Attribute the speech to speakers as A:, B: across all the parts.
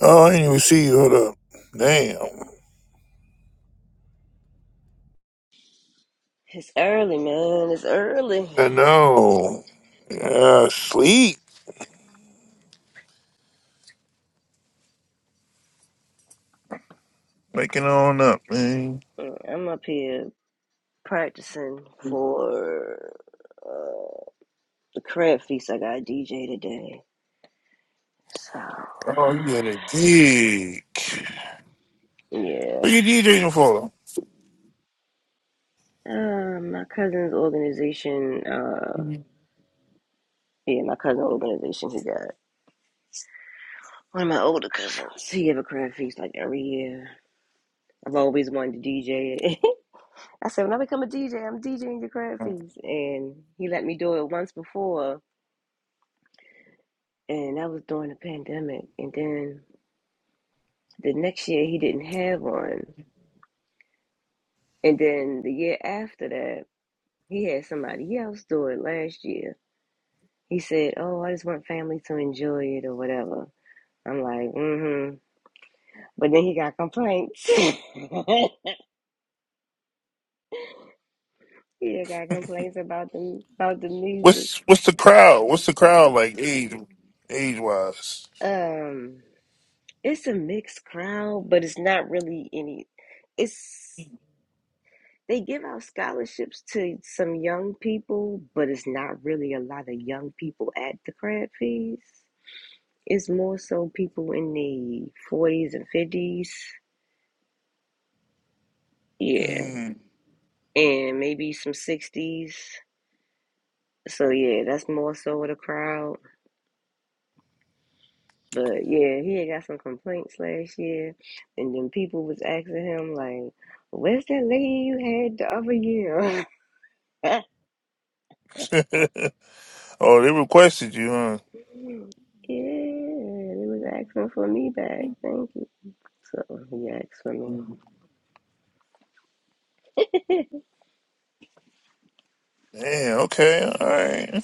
A: Oh, I didn't even see you. Hold up. Damn.
B: It's early, man. It's early.
A: I know. Yeah, sleep. making on up, man.
B: Yeah, I'm up here practicing for uh, the crab feast I got DJ today. So
A: Oh, you had a gig.
B: yeah,
A: What you DJing for?
B: uh, my cousin's organization. Uh, yeah, my cousin's organization. He got one of my older cousins. He have a crab feast like every year. I've always wanted to DJ it. I said when I become a DJ, I'm DJing your crab feast, and he let me do it once before. and that was during the pandemic. And then the next year he didn't have one. And then the year after that, he had somebody else do it last year. He said, Oh, I just want family to enjoy it or whatever. I'm like, mm-hmm. But then he got complaints. he got complaints about the about the music.
A: What's what's the crowd? What's the crowd like age age wise?
B: Um, it's a mixed crowd, but it's not really any. It's They give out scholarships to some young people, but it's not really a lot of young people at the crab feast. It's more so people in the 40s and 50s. Yeah.
A: Mm.
B: And maybe some 60s. So, yeah, that's more so of the crowd. But yeah, he had got some complaints last year. And then people was asking him, like, where's that lady you had the other year?
A: oh, they requested you, huh?
B: Yeah, they was asking for me back. Thank So he asked for me.
A: Damn, okay, all right.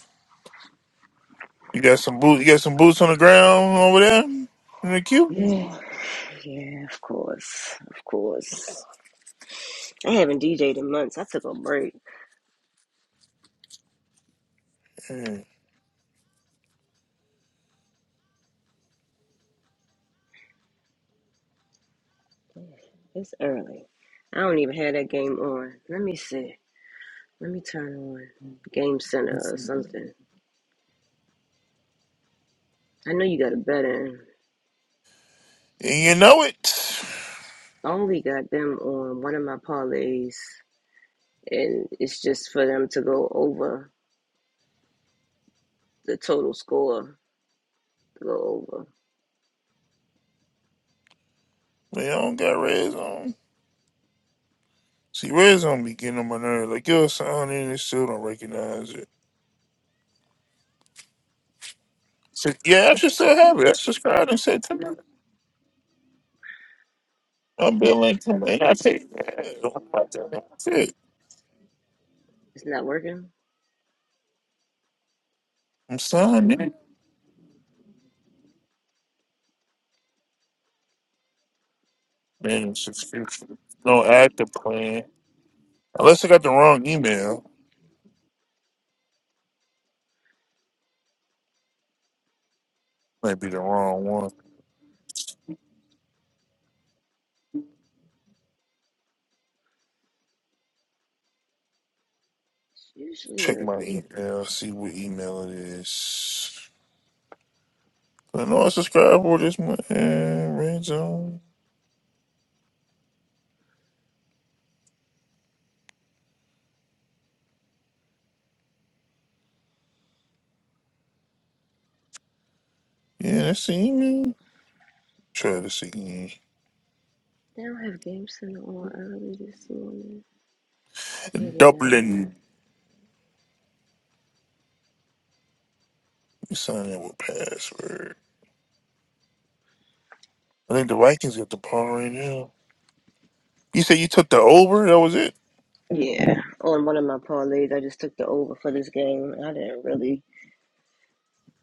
A: You got some boots you got some boots on the ground over there in the queue?
B: Yeah, yeah, of course, of course. I haven't DJed in months. I took a break.
A: Yeah.
B: It's early. I don't even have that game on. Let me see. Let me turn on Game Center or
A: And
B: something. I know you got a bet in.
A: you know it.
B: I only got them on one of my parlays, and it's just for them to go over the total score. To go over.
A: They don't got red zone. See, red zone be getting on my nerves. Like, yo, son, and they still don't recognize it. So, yeah, I should still have it. I subscribed and said to me, I'm Bill Lincoln. And I take that. That's it.
B: It's not working.
A: I'm signing in. Man, subscription. No active plan. Unless I got the wrong email. Might be the wrong one.
B: It's usually
A: Check
B: a.
A: my email, see what email it is. I know I subscribed for this month. Uh, red zone. Yeah, that's the email. Try this again.
B: They don't have Game Center on early this morning. 89.
A: Dublin. You sign in with password. I think the Vikings got the ball right now. You said you took the over. That was it.
B: Yeah, on one of my parlays, I just took the over for this game. I didn't really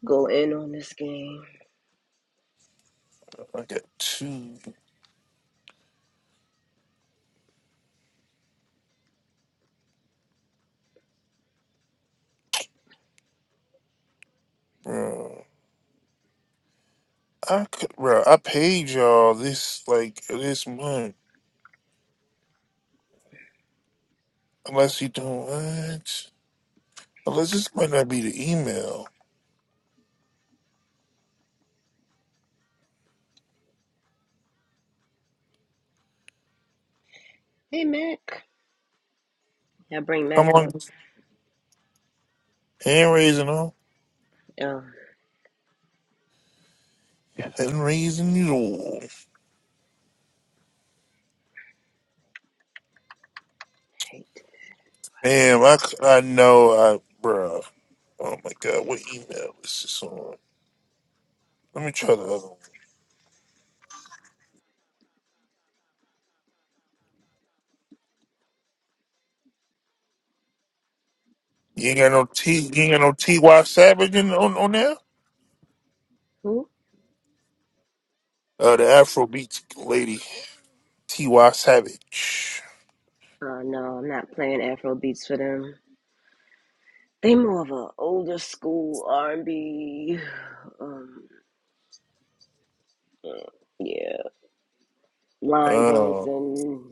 B: go in on this game.
A: I got two, bro. I could, bro. I paid y'all this like this month. Unless you don't what? Unless this might not be the email.
B: Hey, Mac. Yeah, I bring
A: How
B: Mac
A: long?
B: up.
A: Hand raising all.
B: Oh,
A: Hand raising you.
B: hate.
A: Damn. I c- I know. I bro. Oh my god. What email is this on? Let me try the other one. You ain't got no T. You ain't got no T. Y. Savage in, on on there.
B: Who?
A: Uh, the Afro lady, T. Y. Savage.
B: Oh, no, I'm not playing Afro beats for them. They more of a older school R&B, um, yeah, line
A: Uh,
B: dancing,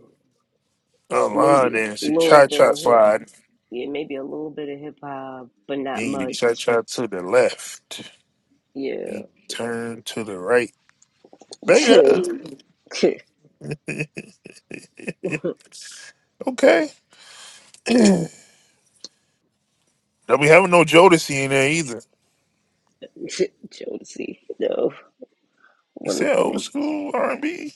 A: a line
B: maybe a
A: dance, a
B: little
A: cha
B: bit
A: cha
B: of hip,
A: slide.
B: yeah, maybe a little bit of hip hop, but not
A: You need to
B: much.
A: cha cha to the left.
B: Yeah.
A: You turn to the right. Beta. okay. Don't be having no Jodeci in there either.
B: Jodeci, no,
A: You
B: one
A: said old school R and B.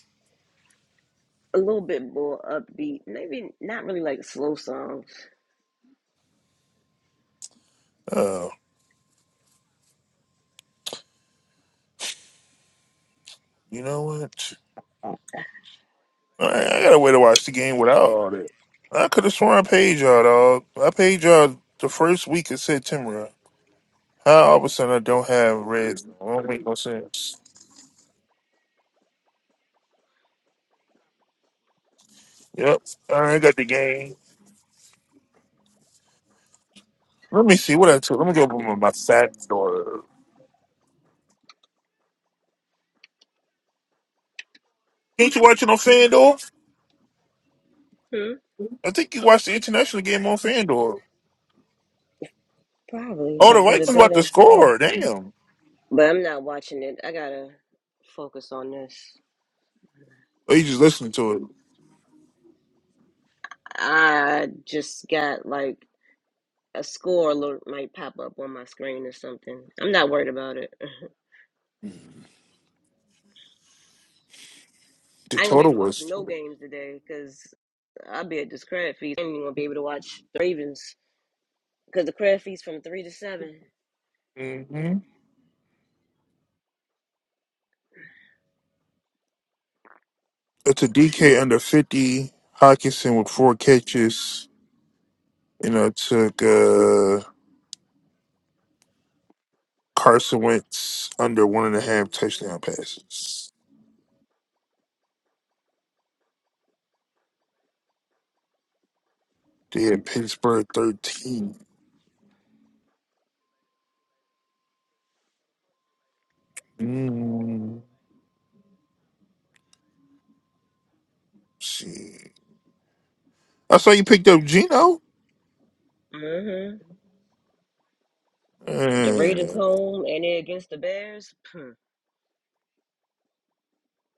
B: a little bit more upbeat, maybe not really like slow songs.
A: Oh, you know what?
B: Hmm.
A: I, I got a way to watch the game without all that. I could have sworn I paid y'all, dog. I paid y'all the first week of September. How all of a sudden I don't have Reds? It don't make no sense. Yep. All right, I got the game. Let me see what I took. Let me go over my, my stats door. Ain't you watching on FanDuel? I think you watched the international game on FanDuel.
B: Probably if
A: Oh,
B: I
A: the
B: put
A: Vikings
B: it
A: about to
B: better,
A: score. Damn.
B: but I'm not watching it. I gotta focus on this.
A: Oh, you just listening to it.
B: I just got like a score alert might pop up on my screen or something. I'm not worried about it. I
A: The
B: ain't gonna be
A: total
B: able to watch
A: was.
B: no games today because I'll be at this crab feast. I ain't even gonna be able to watch the Ravens because the crab feast from three to seven.
A: mm hmm It's a DK under 50. Hawkinson with four catches. You know, took uh, Carson Wentz under one and a half touchdown passes. They had Pittsburgh 13. Mm, see. I saw you picked up Geno.
B: hmm The Raiders
A: Uh,
B: home and they're against the Bears. Hmm,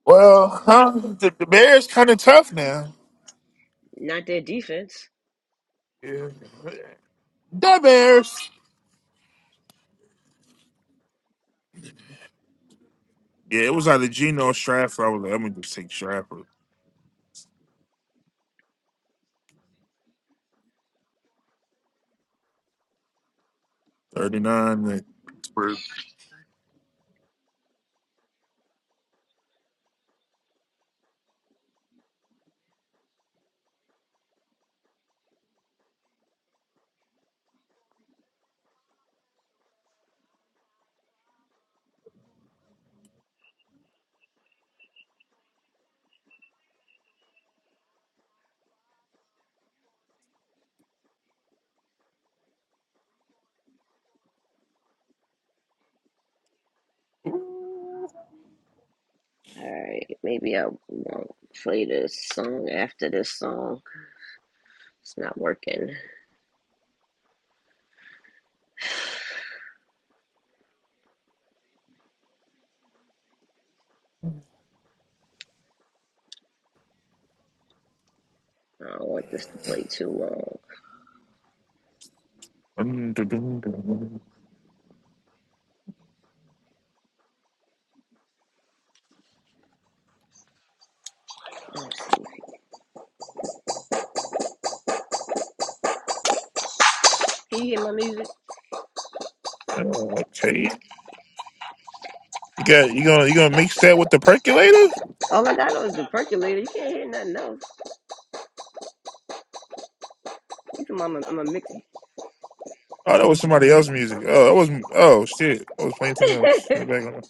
A: well, huh? The, the Bears kind of tough now.
B: Not their defense.
A: Yeah. The Bears. Yeah, it was either Gino or Stratford. I was like, I'm going to just take Stratford. 39. like, Pittsburgh. Ooh.
B: Alright, maybe I won't play this song after this song. It's not working. I don't want this to play too long.
A: Dun, dun, dun, dun.
B: Let's see. Can you hear my music?
A: Okay. You got you gonna you gonna mix that with the percolator?
B: All I got on is the percolator. You can't hear nothing else. What your mama- I'm a mixer.
A: Oh, that was somebody else's music. Oh, that was oh shit. I was playing something else in the background.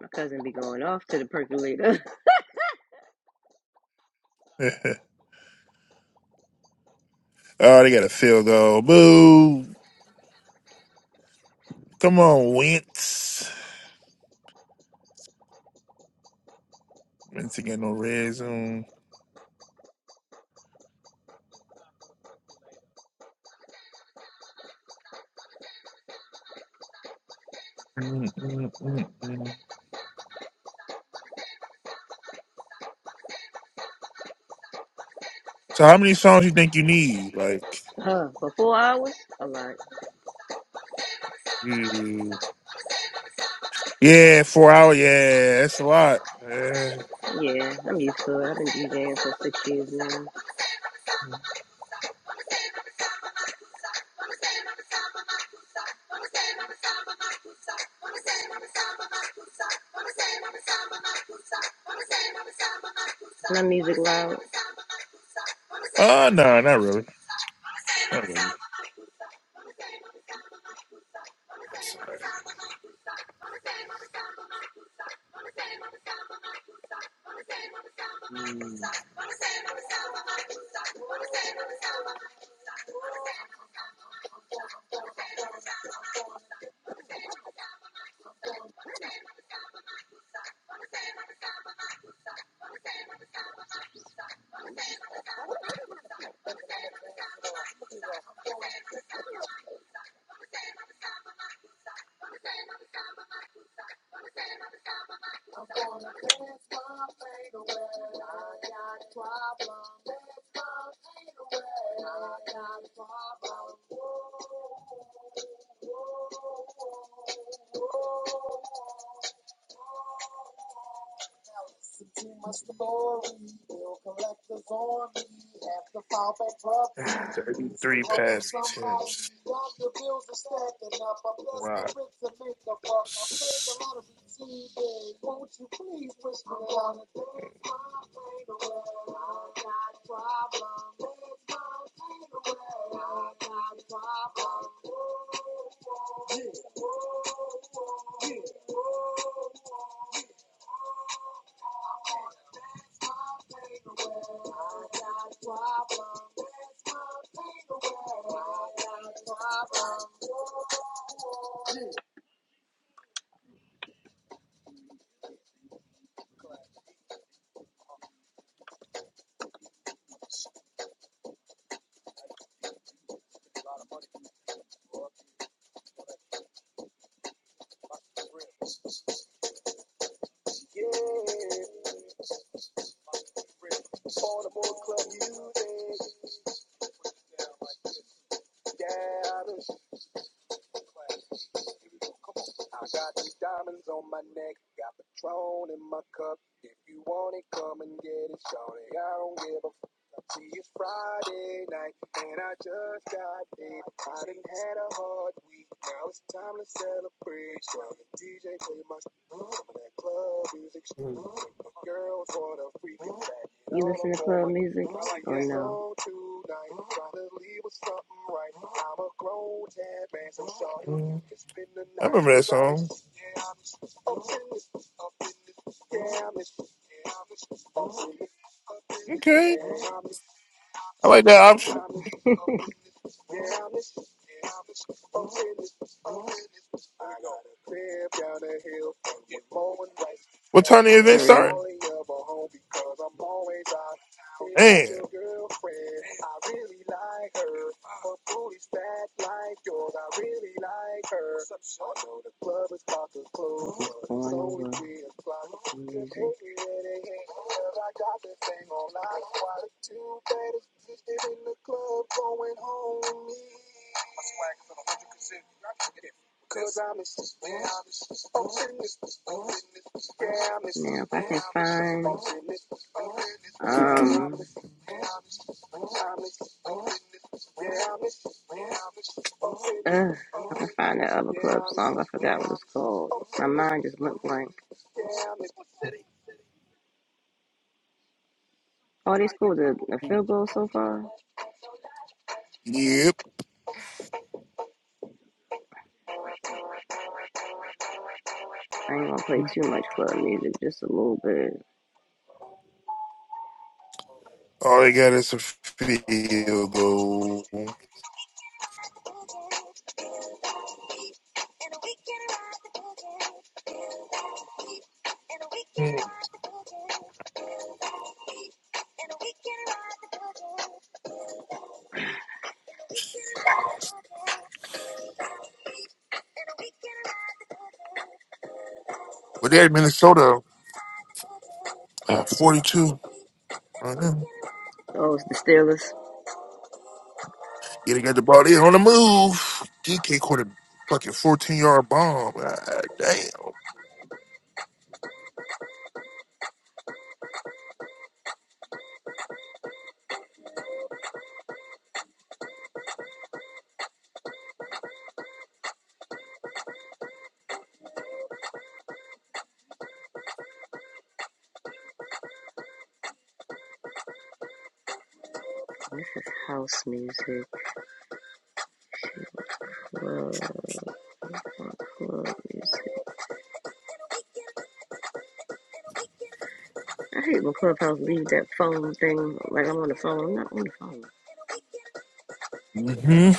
B: my cousin be going off to the percolator.
A: oh, they got a field goal. Boo! Come on, Wentz. Wentz again no red zone. Mm, mm, mm, mm. So, how many songs you think you need? Like,
B: Huh, for four hours? A lot.
A: you- yeah, four hour. Yeah, that's a lot. Uh,
B: Yeah, I'm used to it. I've been DJing for six years now. Some music,
A: uh no, not really. Not really. Sorry. Mm, Thirty-three pass attempts. Wow. I
B: music.
A: remember that song. Okay. I like that option. What time the event start? Damn.
B: Yeah. Uh, find out. goals. My mind just went blank. Oh, they scored a, a field goal so far.
A: Yep.
B: I ain't gonna play too much club music, just a little bit.
A: All they got is a field goal. But they're in Minnesota, uh, 42. I know.
B: Oh, it's the Steelers.
A: Yeah, they got the ball there on the move. DK caught a fucking 14 yard bomb. Ah,
B: This is house music, club, club music. I hate when Clubhouse leave that phone thing. Like I'm on the phone. I'm not on the phone.
A: damn. hmm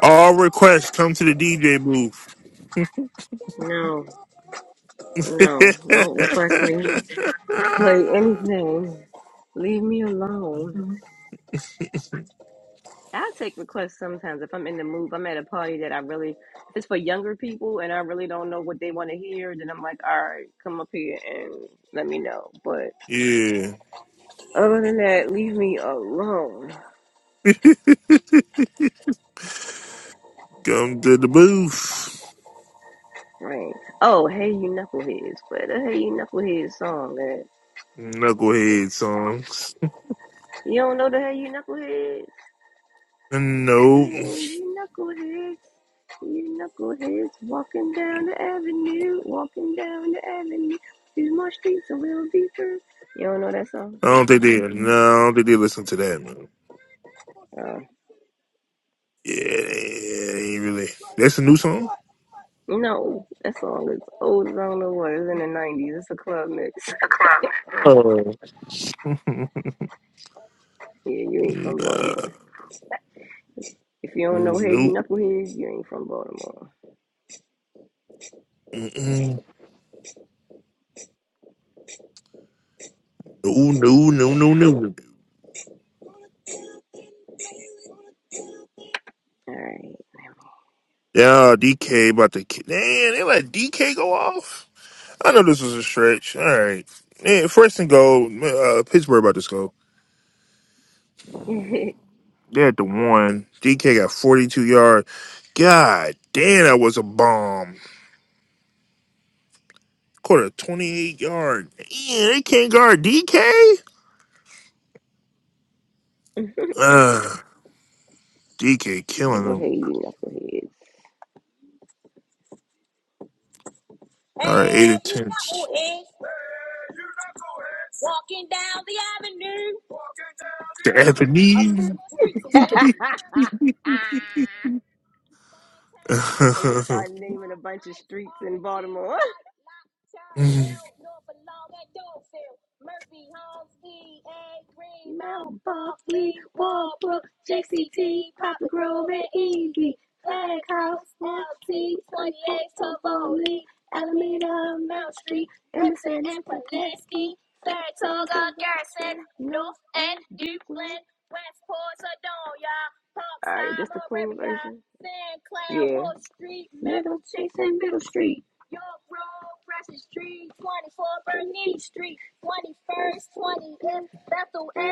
A: All requests come to the DJ booth.
B: No, no, don't request me to play anything. Leave me alone. I take requests sometimes if I'm in the mood. if I'm at a party that I really, if it's for younger people and I really don't know what they want to hear, then I'm like, all right, come up here and let me know. But
A: Yeah,
B: other than that, leave me alone.
A: come to the booth.
B: Right. Oh, hey, you knuckleheads. Play the Hey You Knuckleheads song, man.
A: Knucklehead songs.
B: You don't know the Hey You Knuckleheads? Hey,
A: No,
B: you knuckleheads. You knuckleheads walking down the avenue, walking down the avenue. These my streets a little deeper. You don't know that song?
A: I don't think they. No, I don't think they listen to that. No.
B: Uh,
A: Yeah, they ain't really. That's a new song.
B: No, that song is old as I don't know what. It's in the nineties. It's a club mix.
A: Oh. nah,
B: yeah, you ain't from Baltimore. If you don't know Hey
A: nope.
B: You Knuckleheads, you ain't from Baltimore.
A: Mm-mm. No, no, no, no, no.
B: All right.
A: Yeah, DK about to. ki- Damn, they let DK go off. I know this was a stretch. All right. Yeah, first and goal. Uh, Pittsburgh about to score. They had the one. DK got 42 yards. God damn, that was a bomb. Caught a 28 yard. Yeah, they can't guard DK. Ugh, DK
B: they
A: killing
B: go
A: them.
B: Hey You Knuckleheads.
A: All right, eight attempts. The Japanese.
B: You Start naming a bunch. Buckley, Walbrook, JCT, Papa Grove, and Easy, Flag House, LT, Tivoli, Alameda, Mount Street, Emerson, and Pulaski. Middle and Middle Street.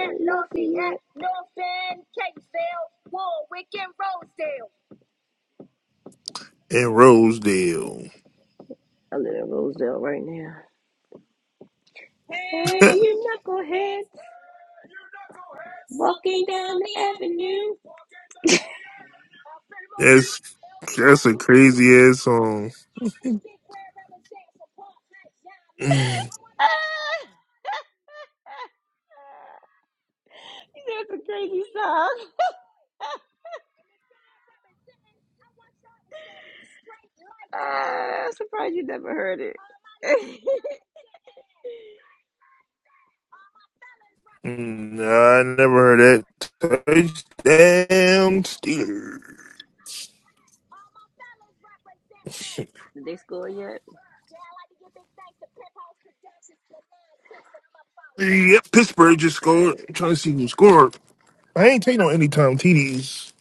B: Lafayette.
A: and Rosedale.
B: I live in Rosedale right now.
A: That's that's a crazy ass song. Mm,
B: That's a crazy song. I'm surprised you never heard it. Did
A: mm, nah, I never heard that. Touchdown Steelers.
B: they score yet?
A: Yep, Pittsburgh just
B: All
A: scored.
B: right.
A: I'm trying to see who scored. I ain't taking no anytime TDs.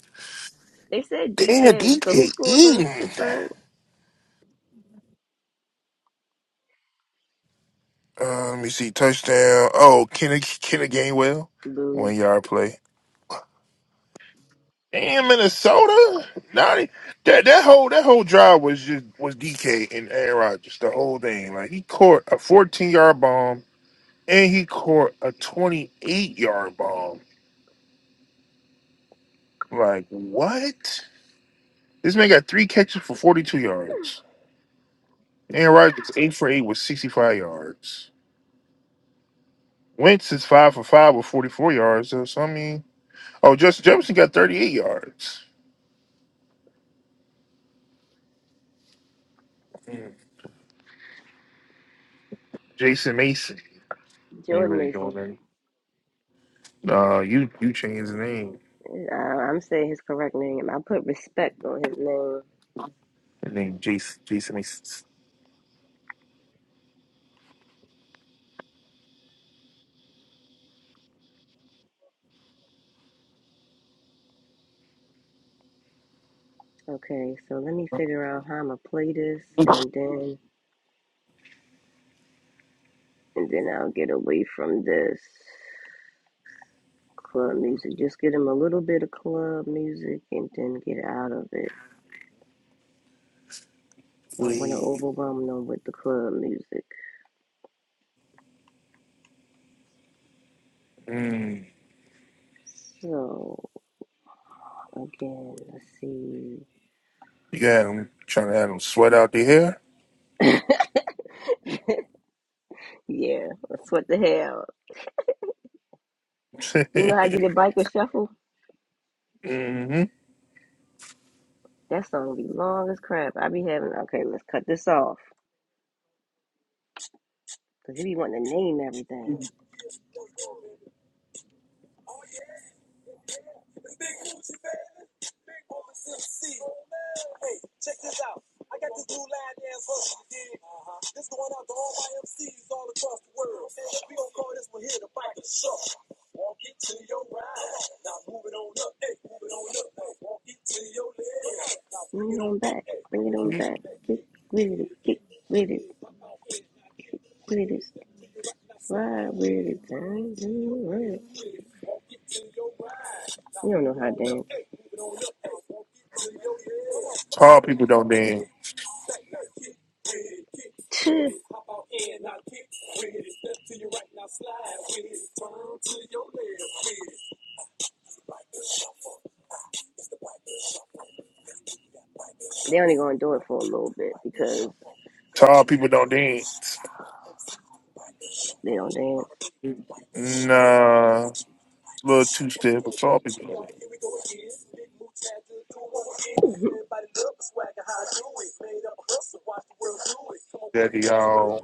B: They said
A: Damn,
B: DK. So who
A: DK
B: scored from
A: Eaton.
B: Pittsburgh?
A: Uh, let me see. Touchdown. Oh, Kenny, Kenny Gainwell. One
B: Boo.
A: yard play. Damn, Minnesota. Not, e, that that whole that whole drive was just was DK and Aaron Rodgers. The whole thing. Like he caught a 14 yard bomb and he caught a 28 yard bomb. Like what? This man got three catches for 42 yards. Aaron Rodgers eight for eight with sixty five yards. Wentz is five for five with forty four yards. So, so, I mean, oh, Justin Jefferson got thirty eight yards. Jason Mason ain't
B: Jordan
A: really
B: Mason.
A: going in. Uh, you you changed his name.
B: Uh, I'm saying his correct name. I put respect on his name.
A: His name Jason Jason Mason.
B: Okay, so let me figure out how I'm gonna play this, and then and then I'll get away from this. club music. Just get them a little bit of club music and then get out of it. Don't want to
A: Wait.
B: overwhelm them with the club music.
A: Mm.
B: So, again, let's see.
A: You got him trying to have him sweat out the hair.
B: Yeah, that's what the hell. You know how I do the biker shuffle?
A: hmm
B: That song be long as crap. I be having, okay, let's cut this off. Because you be wanting to name everything. Bring it on back. Bring it on back. Get with it. Get with it. With it. Ride with it. You don't know how to
A: Tall people don't dance.
B: dance. They only gonna do it for a little bit because
A: Tall people don't dance.
B: they don't dance,
A: Nah, little two step but tall people don't dance. Daddy, y'all.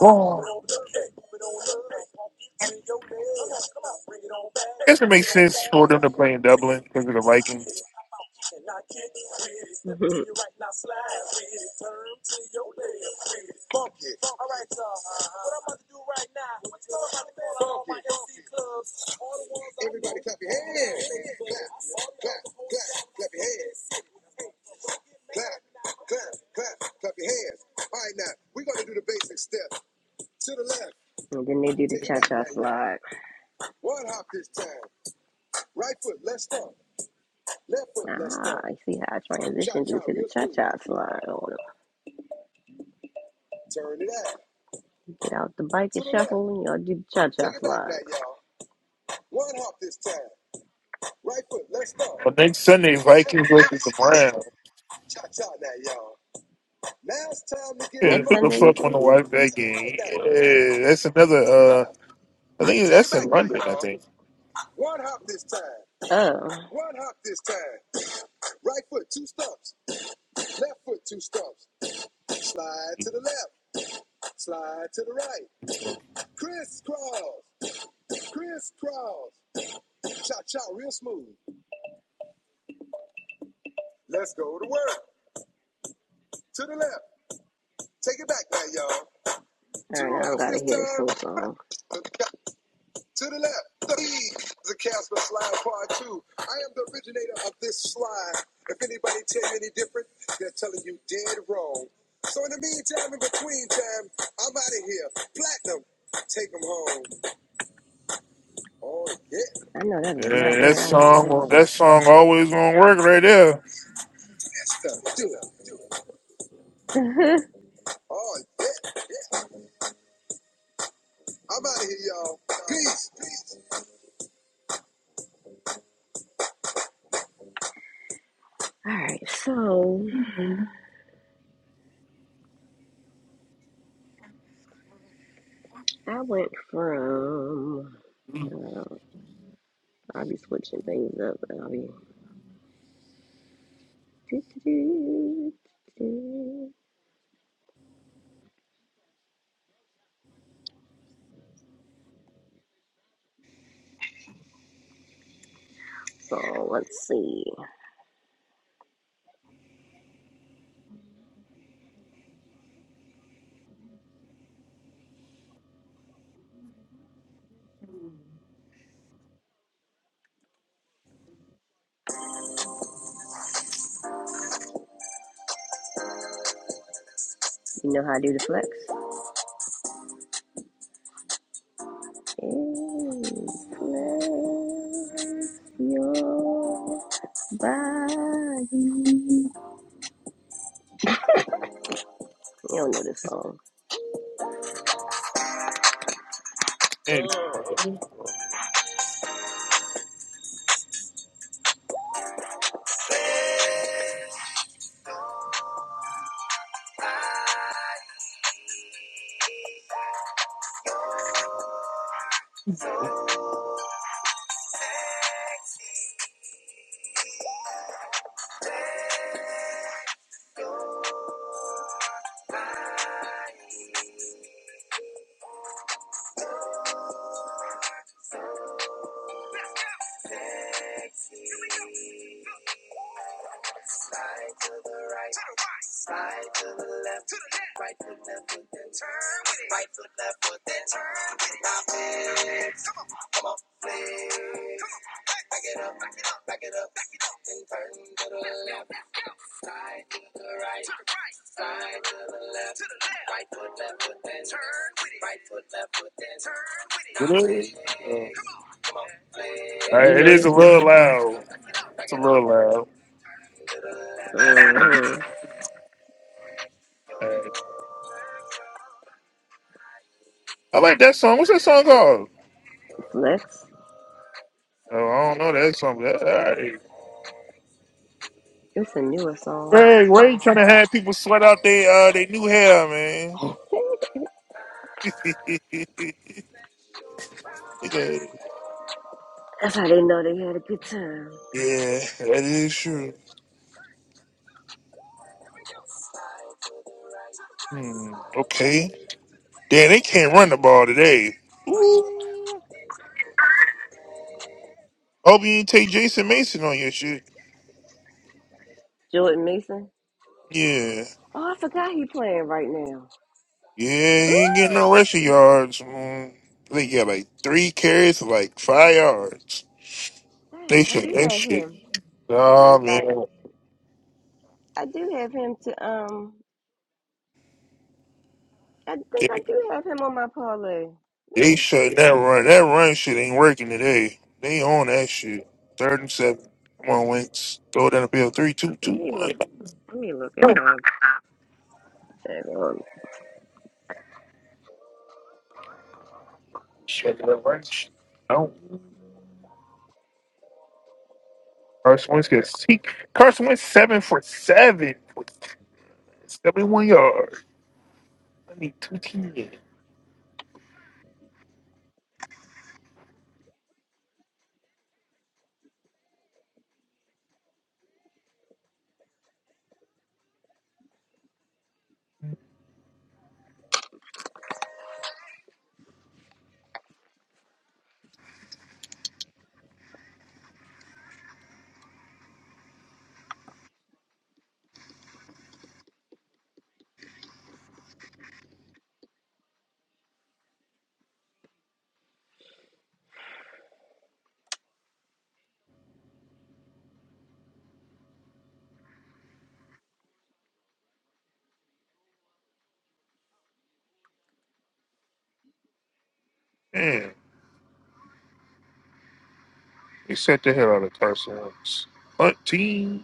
A: Oh. I guess it makes sense for them to play in Dublin because of the Vikings.
B: and then they do. slide. I see how I train I slide on them. Get out the bike, and y'all do the cha cha.
A: But next Sunday, Vikings versus the Browns. Yeah, who the
B: You
A: fuck want to
B: see?
A: watch that game? Yeah, that's another. Uh, I think that's in London. I think.
B: Oh,
A: Yeah,
B: that's a I know that is not
A: that
B: where I was
A: song. That
B: starting.
A: song always gonna work right there.
B: All right, so I went from. Uh, I'll be switching things up. and I'll be. Do, do, do, do. So let's see. You know how I do the flex? Inflate your body. You don't know this song.
A: And- Really? Uh, all right,
B: You
A: it
B: know
A: is a
B: this one?
A: little loud. It's a little loud. All
B: Mm-hmm.
A: right. I like that song. What's that song called?
B: Flex.
A: Oh, I don't know that song. But that's all right.
B: It's a newer song.
A: Ray, Ray trying to have people sweat out their uh their new hair, man. yeah,
B: That's how they know they had a good time.
A: that is true. Hmm, okay. Damn, they can't run the ball today. Ooh. Hope you didn't take Jason Mason on your shit.
B: Jordan Mason.
A: Yeah.
B: Oh, I forgot he playing right now.
A: Yeah, he ain't getting
B: Woo!
A: no rushing yards. Mm. I think he got like three carries for like five yards. They
B: Dang, I
A: should
B: do
A: that
B: have
A: shit.
B: him. Matter
A: Oh
B: of fact,
A: man.
B: I do have him to um. I think I do have him on my parlay.
A: They
B: Man,
A: shut that run. That run shit ain't working today. They on that shit. Third and seven. Come on, Wentz. Throw it down the field. Three, two,
B: let
A: two,
B: me look.
A: one.
B: Let me look at my.
A: Shit, that run shit. No. Carson Wentz gets he, Carson Wentz seven for seven for seventy one yards. I need two teams. Man, they set the hell out of Carson Wentz. Hunting.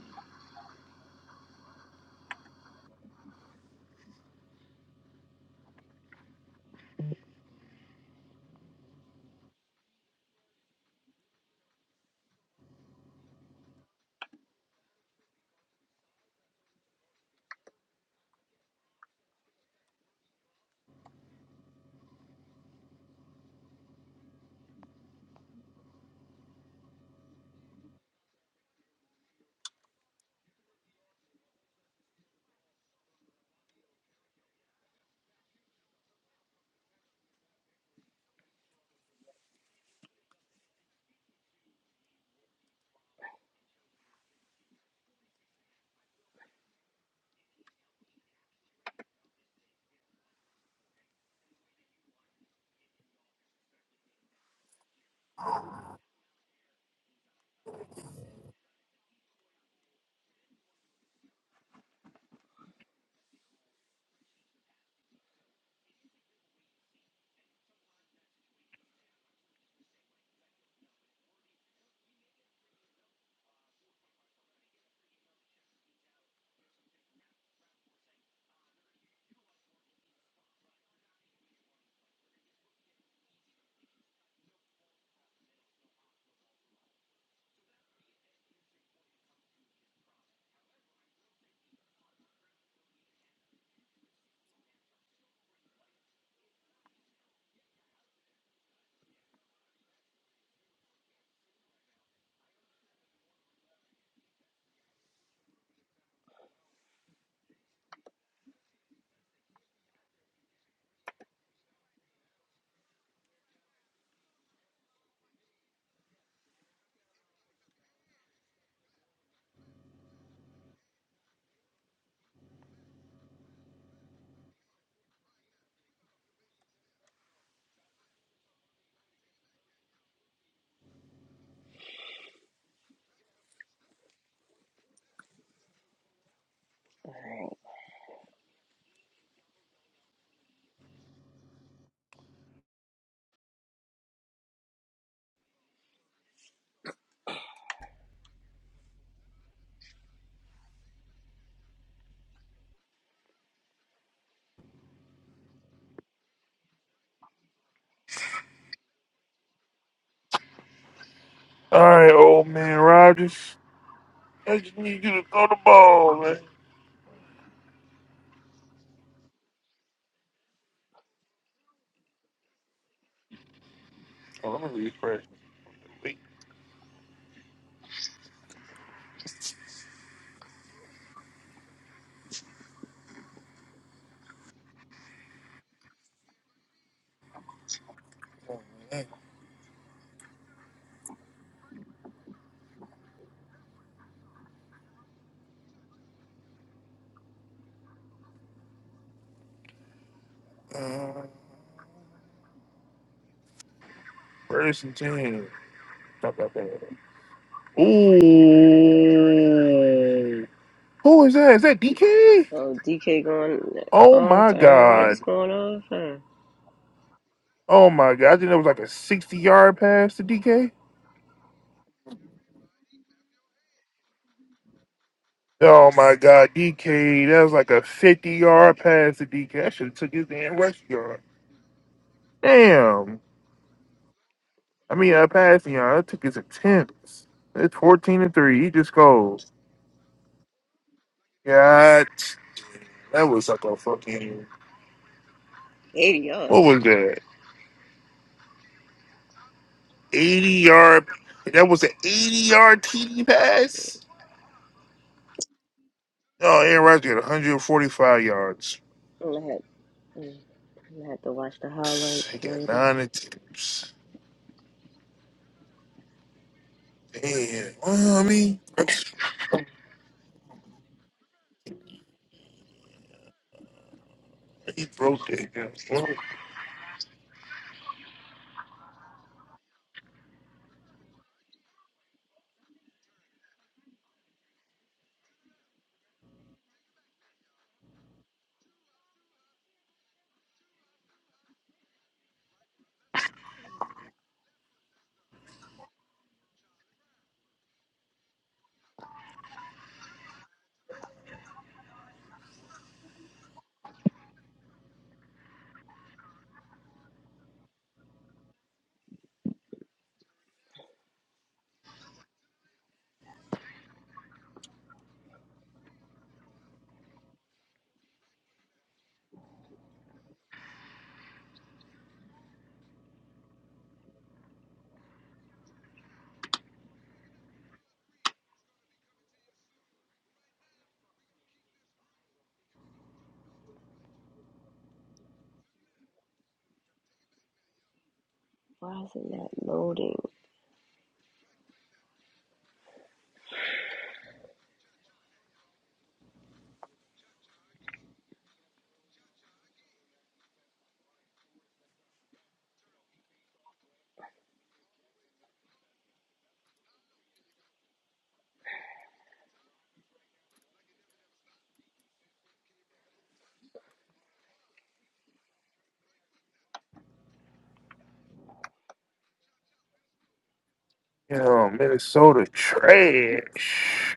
A: All right, old man Rogers. I just need you to throw the ball, man. Oh, let me refresh. Wait. Uh, first and ten. Ooh, who is that? Is that DK?
B: Oh, DK going
A: Oh my
B: off. Aaron
A: god.
B: Rodgers going off. Huh?
A: Oh my god. I think that was like a 60 yard pass to DK. Oh my god, DK. That was like a 50 yard pass to DK. That should have took his damn rush yard. Damn. I mean, a pass yard. That took his attempts. It's 14 and 3. He just goes. God. That was like a fucking.
B: 80
A: What
B: yards.
A: was that? 80 yard. That was an 80 yard TD pass? Oh, Aaron Rodgers got 145 yards.
B: I'm gonna, have, mm, I'm gonna have to watch the highlights
A: He got
B: later.
A: nine attempts. Damn. Well, I mean, he broke that. down.
B: Why is it not loading?
A: Yo, Minnesota trash.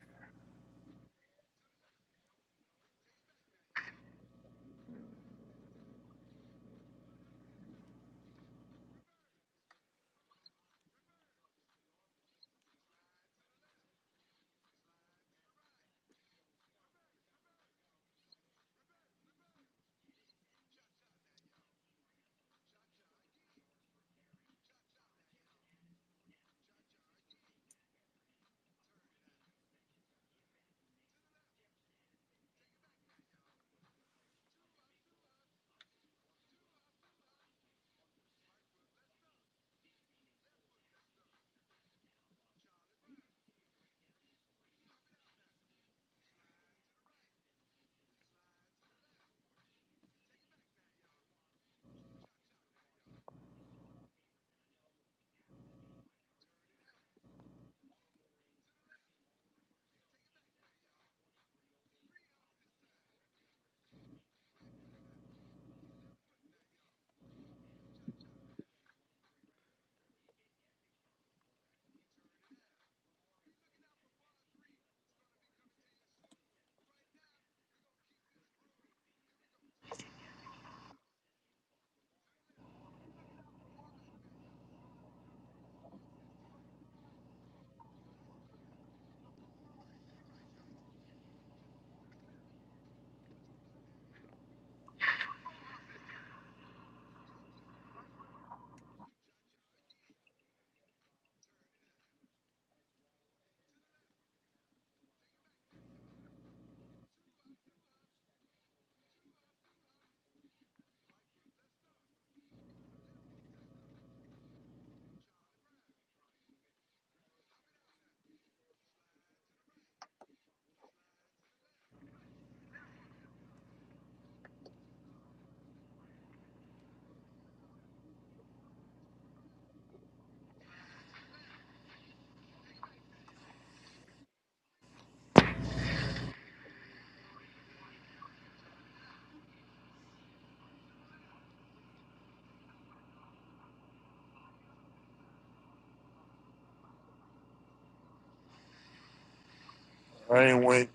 A: I ain't went.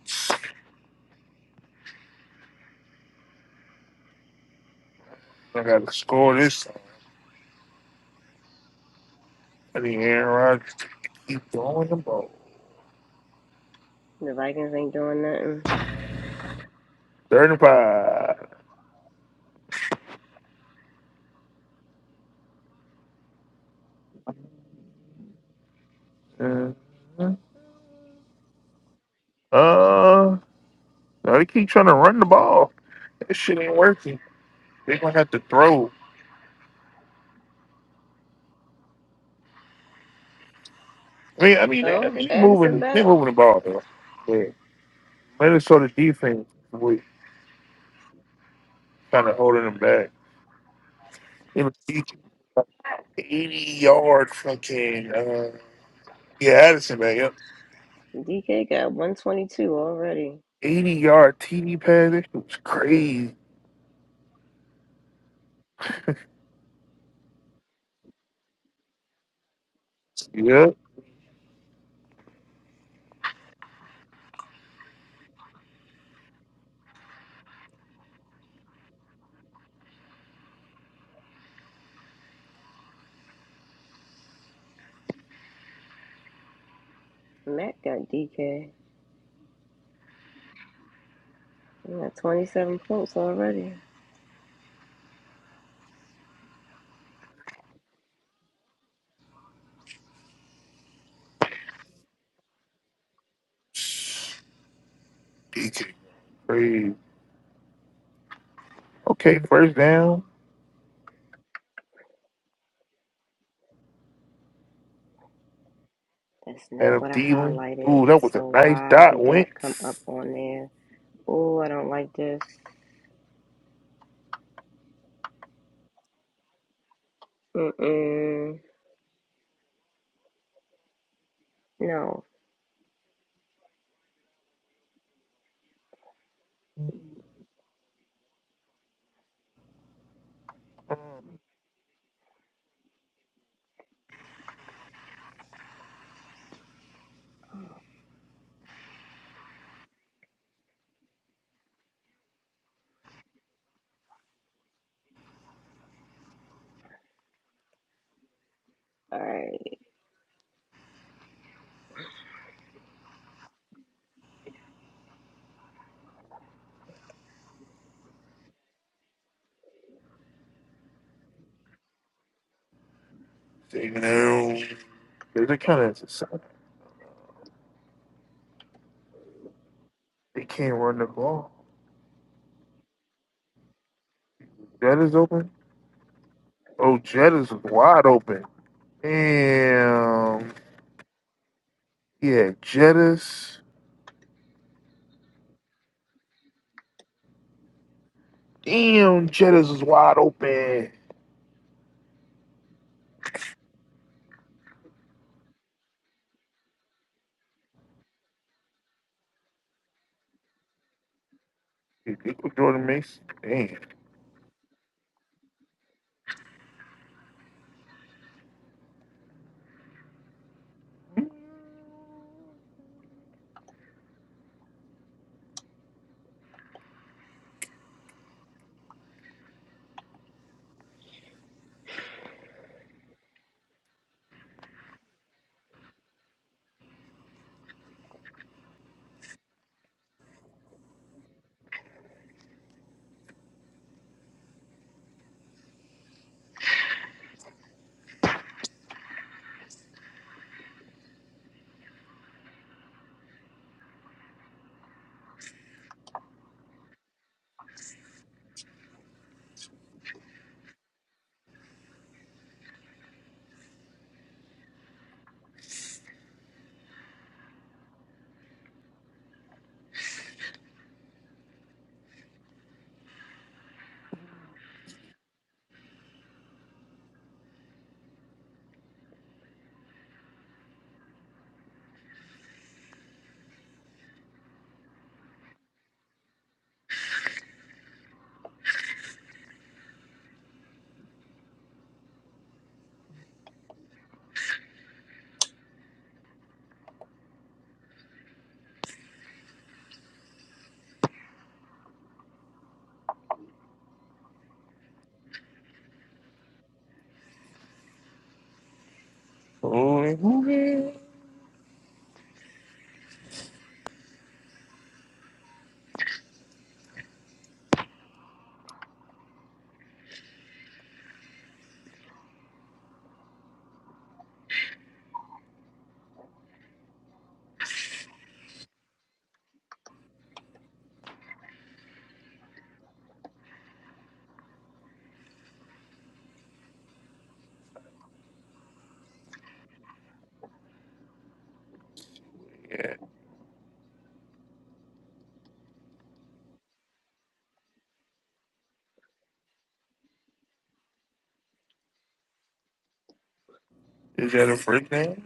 A: I got to score this time. I need Aaron Rodgers to keep throwing the ball.
B: The Vikings ain't doing nothing.
A: 35. Mhm. Uh, no, they keep trying to run the ball. That shit ain't working. They gonna have to throw. I mean, I mean, they, I
B: Oh,
A: mean, they
B: Addison
A: moving, they
B: back.
A: moving the ball though. Yeah. Minnesota defense was kind of holding them back. It was 80 yard fucking, uh, yeah, Addison, man. Yep.
B: DK got 122 already.
A: 80 yard TD pass. That shit was crazy. Yep.
B: Matt got DK. He got 27 points already.
A: DK, crazy. Okay, first down.
B: That's not
A: Adam
B: what I
A: Thielen.
B: highlighted.
A: Ooh, that was a
B: So
A: nice
B: why
A: dot.
B: did that come up
A: Wentz.
B: on there? Oh, I don't like this. Mm-mm. No.
A: Mm,
B: All right.
A: Taking out. They're kind of, they can't run the ball. Jet is open. Oh, Jet is wide open. Damn. Yeah, Jettis. Damn, Jettis is wide open. You know Jordan Mason. Damn. Oh, and who man? Yeah. Is that a freak name?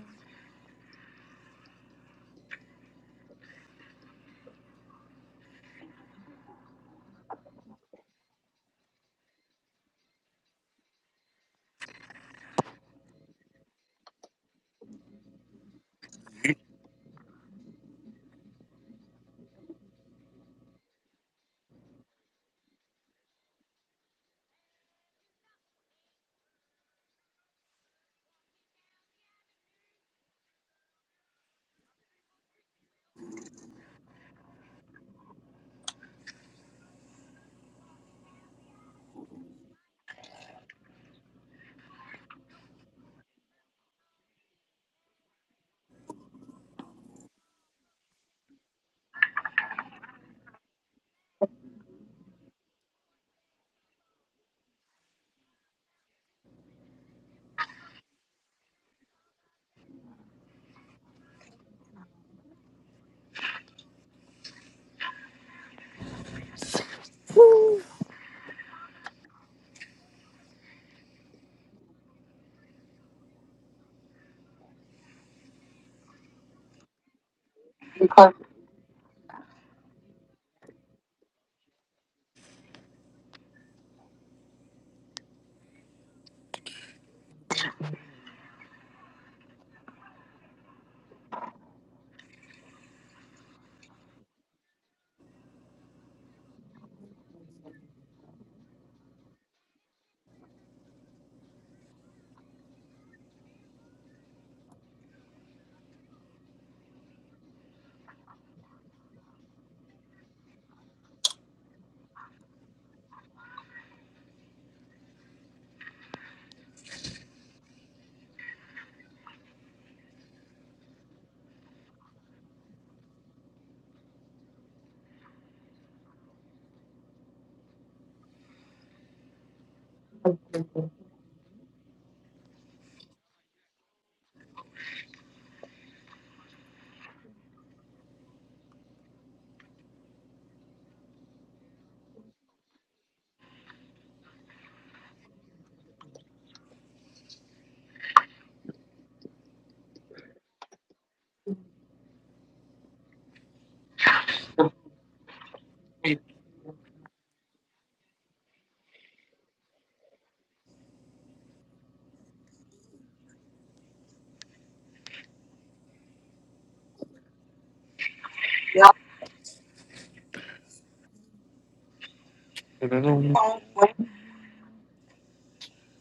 A: I don't know.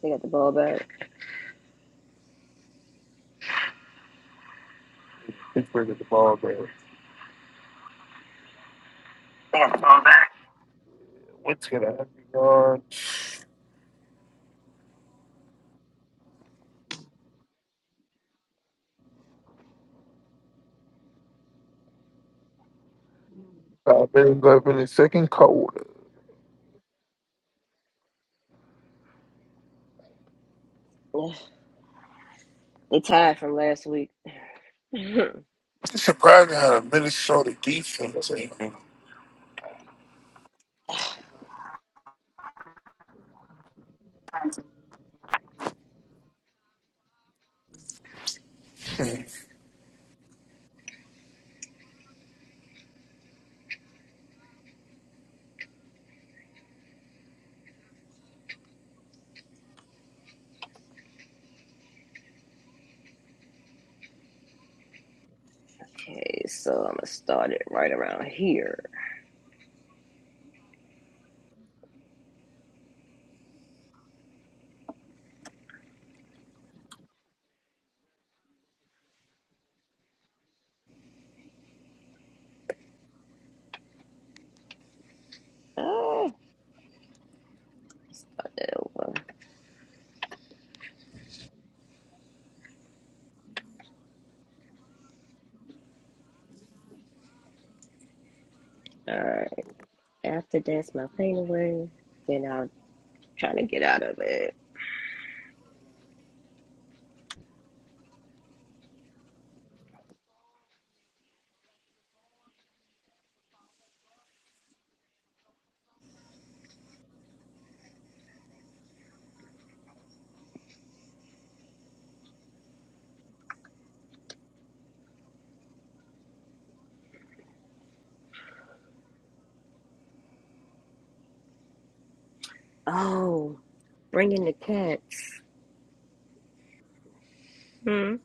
B: They got the ball back.
A: Pittsburgh at the ball game. What's gonna happen on five minutes left in the second quarter?
B: They tied from last week. okay,
A: It's surprising how the Minnesota defense. ain't-
B: so I'm gonna start it right around here. Oh, start that over. Alright, after that's my favorite word. Then I'll try to get out of it. Oh, bringing the cats. Hmm.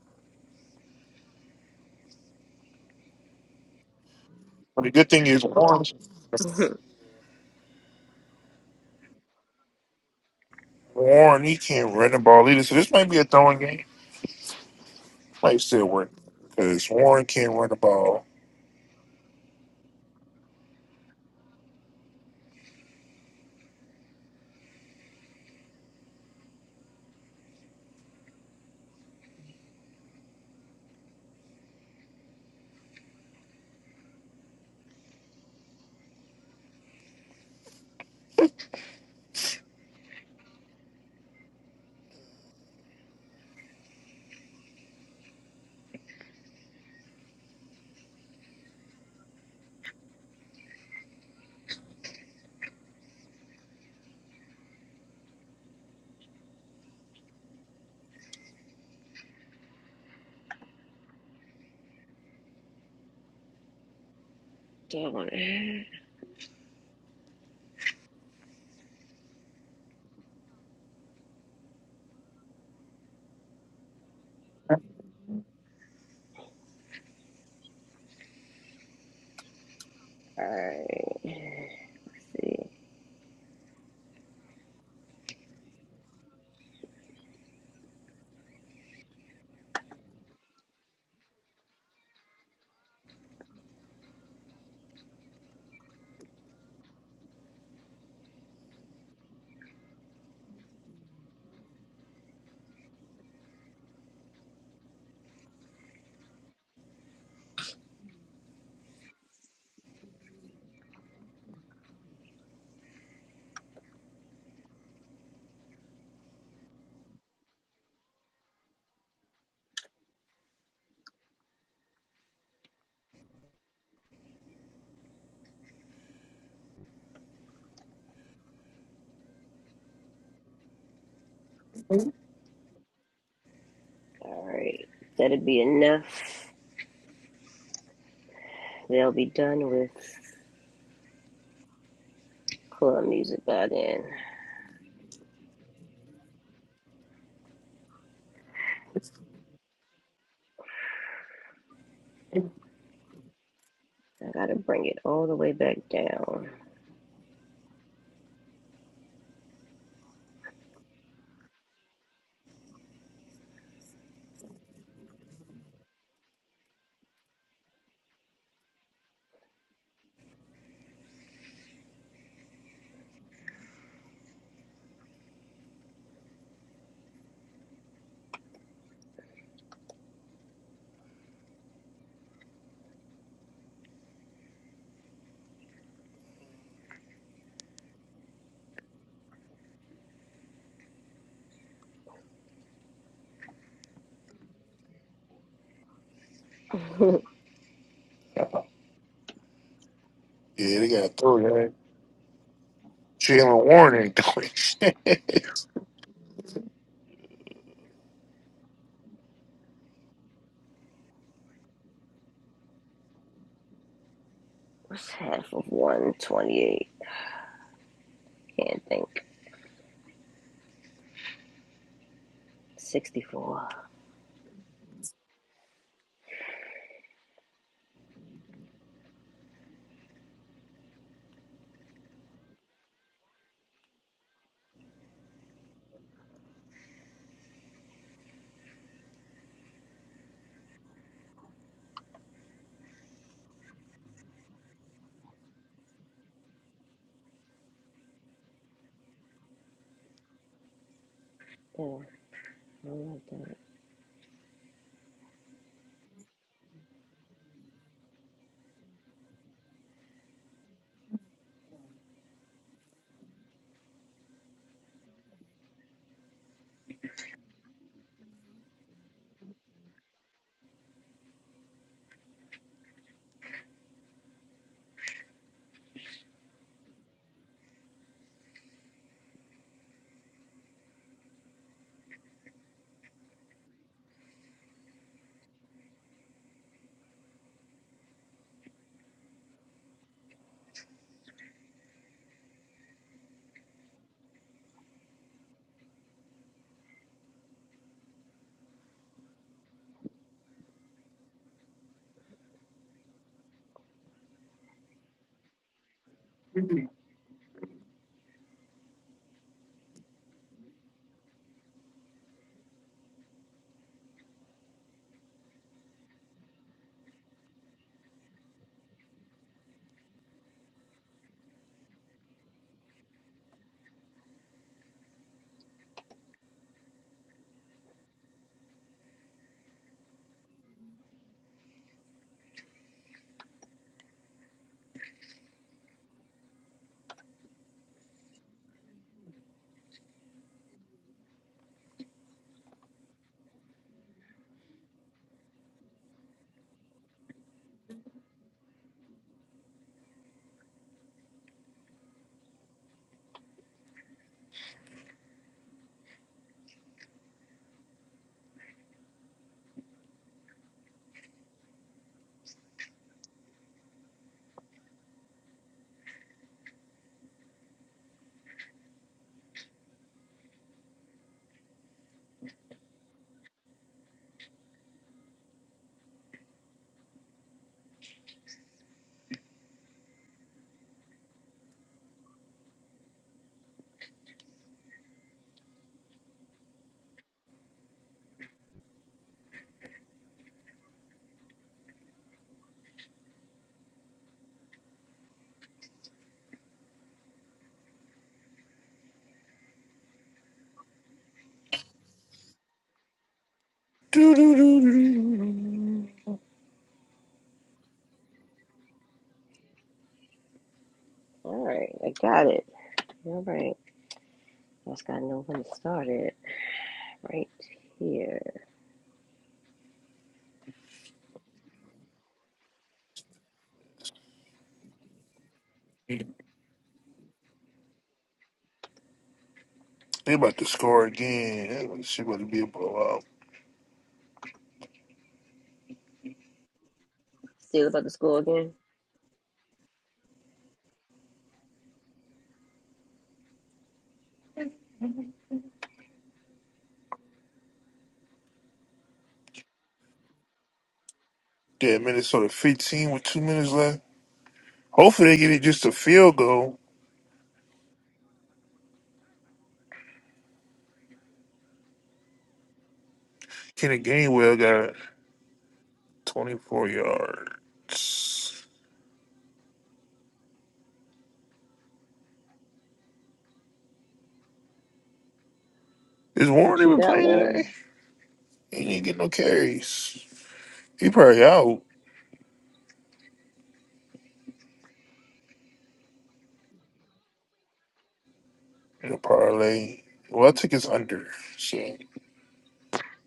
A: But the good thing is Warren, Warren he can't run the ball either. So this might be a throwing game. Might still work because Warren can't run the ball.
B: Don't. Alright. Let's see.
A: Yeah,
B: Alright. That'll be enough. They'll be done with club music by then. I gotta bring it all the way back down.
A: they got three. Right? Jalen Warren ain't doing shit.
B: What's half of 128? Can't think. 64. Yeah, I don't like that.
A: Do, do, do, do,
B: All right, I got it. All right, I just gotta know when to start it. Right here.
A: do. They about to score again. That shit about to be a blowout.
B: Still about the school again?
A: Yeah, Minnesota 15 with two minutes left. Hopefully they get it just a field goal. Kenny Gainwell got 24 yards. Is
B: What
A: Warren
B: you
A: even
B: got,
A: playing today?
B: Warren?
A: He didn't get no carries. He probably out. in a parlay. Well, I took his under, so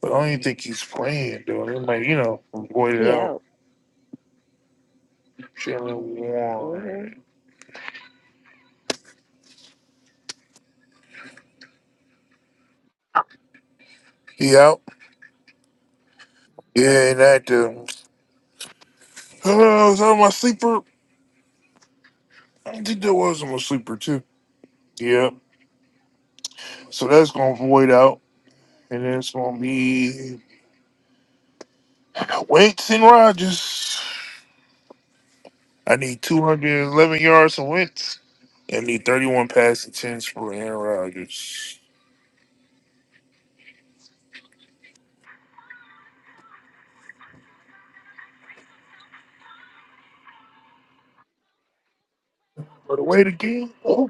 A: but I don't even think he's playing though. They might, you know, void it
B: He
A: out.
B: out.
A: Jalen
B: Mm-hmm.
A: Warren. He out? Yeah, and that um Oh, was that my sleeper? I think that was my sleeper too. Yeah. So that's gonna void out. And then it's gonna be Wentz and Rogers. I need two hundred and eleven yards from Wentz. I need thirty one passing attempts for Aaron Rodgers. By the way, the game. oh,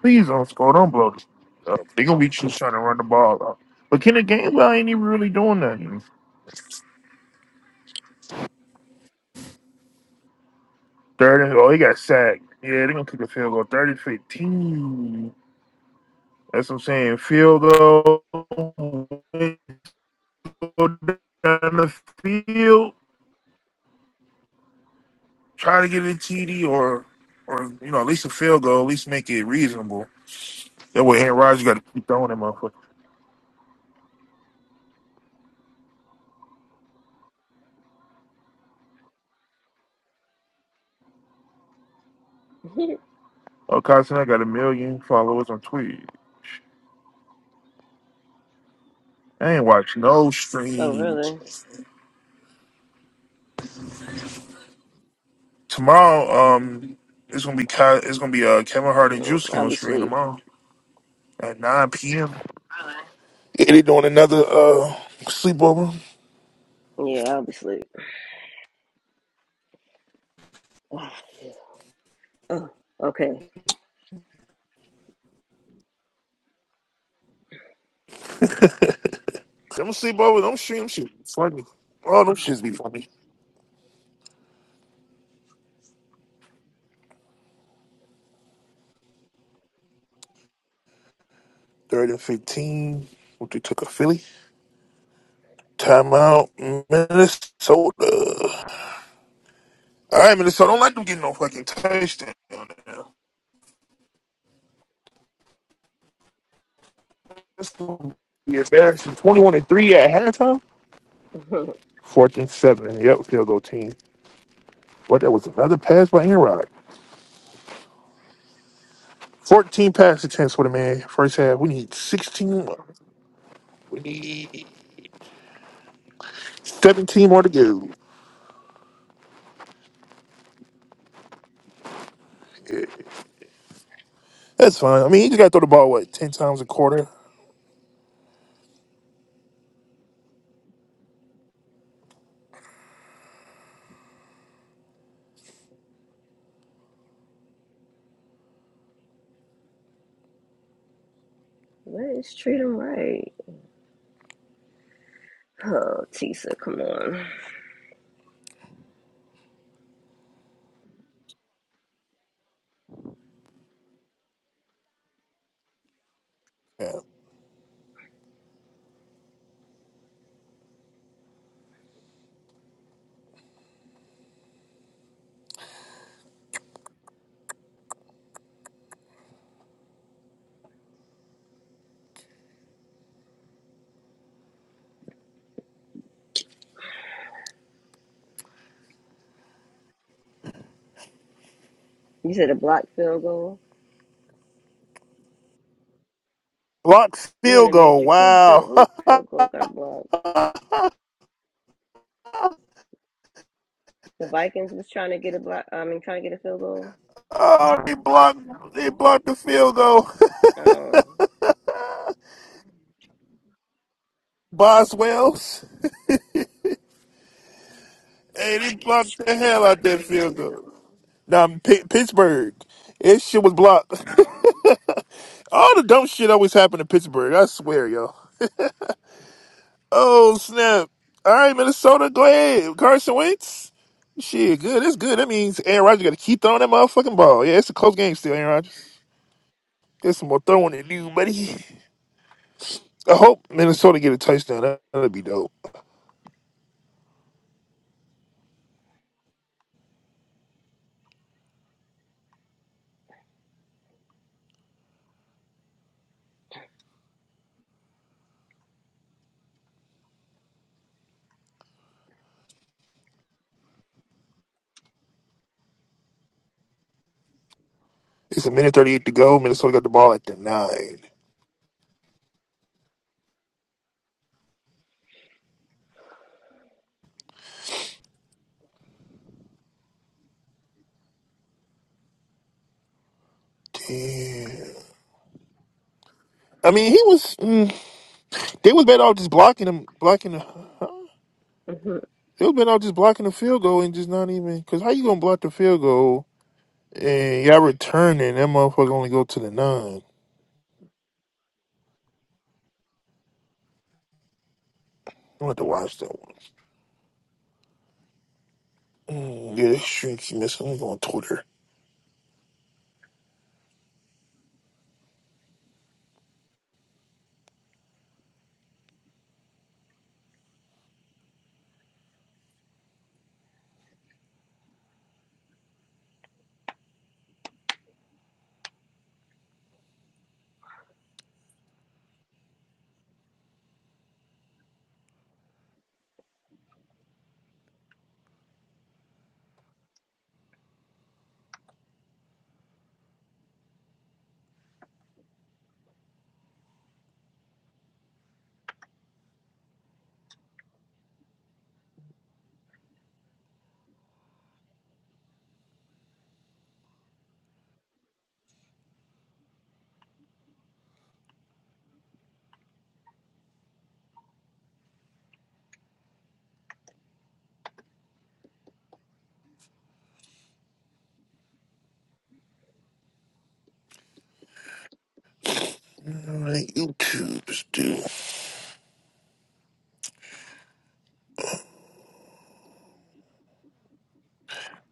A: Please don't score. Don't blow this up. They gonna be just trying to run the ball up. But can Kenneth Gainwell ain't even really doing nothing. Third and oh, he got sacked. Yeah, they're gonna kick a field goal. Thirty fifteen. That's what I'm saying. Field goal go down the field. Try to get a TD or or you know, at least a field goal, at least make it reasonable. That way Aaron Rodgers gotta keep throwing that motherfucker. Oh, Carson, I got a million followers on Twitch. I ain't watch no
B: oh,
A: streams.
B: really?
A: Tomorrow, um, it's gonna be Ky- it's gonna be uh Kevin Hart and
B: Mm,
A: Juicy
B: I'll
A: on
B: be
A: screen
B: asleep.
A: tomorrow at nine p.m. Yeah, they doing another uh sleepover.
B: Yeah, I'll be asleep. Oh, okay.
A: Them sleepover, them shit, them shit be funny. All them shits be funny. Third and fifteen. What they took a Philly timeout, Minnesota. All right, Minnesota. Don't let them get no fucking touchdown. now. That's gonna be embarrassing. Twenty-one and three at halftime. Fourth and seven. Yep, field goal team. What? That was another pass by Enrod. 14 passing attempts for the man. First half, we need 16 more. We need 17 more to go. That's fine. I mean, he just got to throw the ball, what, 10 times a quarter?
B: Let's treat him right. Oh, Tisa, come on.
A: Yeah.
B: You said a blocked field goal.
A: Blocked
B: You in
A: field
B: the
A: goal.
B: matrix? Who field?
A: Wow.
B: Who field goal got blocked? The Vikings was trying to get a block. I mean, trying to get a field goal.
A: oh, they blocked, they blocked the field goal.
B: Oh,
A: Boswells. Hey, they blocked the hell out that field goal. Now, P- Pittsburgh. This shit was blocked. All the dumb shit always happened in Pittsburgh. I swear, yo. Oh snap! All right, Minnesota, go ahead. Carson Wentz. Shit, good. It's good. That means Aaron Rodgers got to keep throwing that motherfucking ball. Yeah, it's a close game still, Aaron Rodgers. There's some more throwing to do, buddy. I hope Minnesota get a touchdown. That- That'd be dope. It's a minute thirty-eight to go. Minnesota got the ball at the nine. Damn. I mean, he was. Mm, they was better off just blocking him, blocking. The, huh? They was better off just blocking the field goal and just not even. Cause how you gonna block the field goal and y'all returning? That motherfucker only go to the nine. I'm about to watch that one. Mm, yeah, that shrinks miss. I'm going on Twitter. Alright, YouTube's do.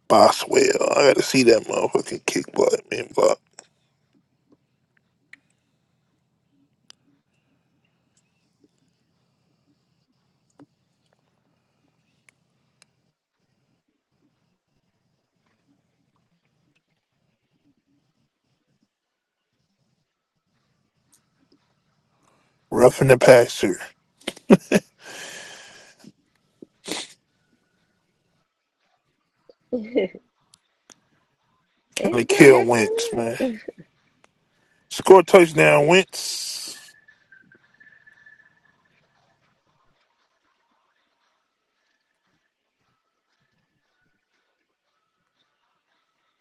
A: Boswell. I gotta see that motherfucking kick butt, man. But roughing the passer.
B: it's
A: Trying to
B: not
A: kill Wentz,
B: halftime yet.
A: man. Score a touchdown, Wentz.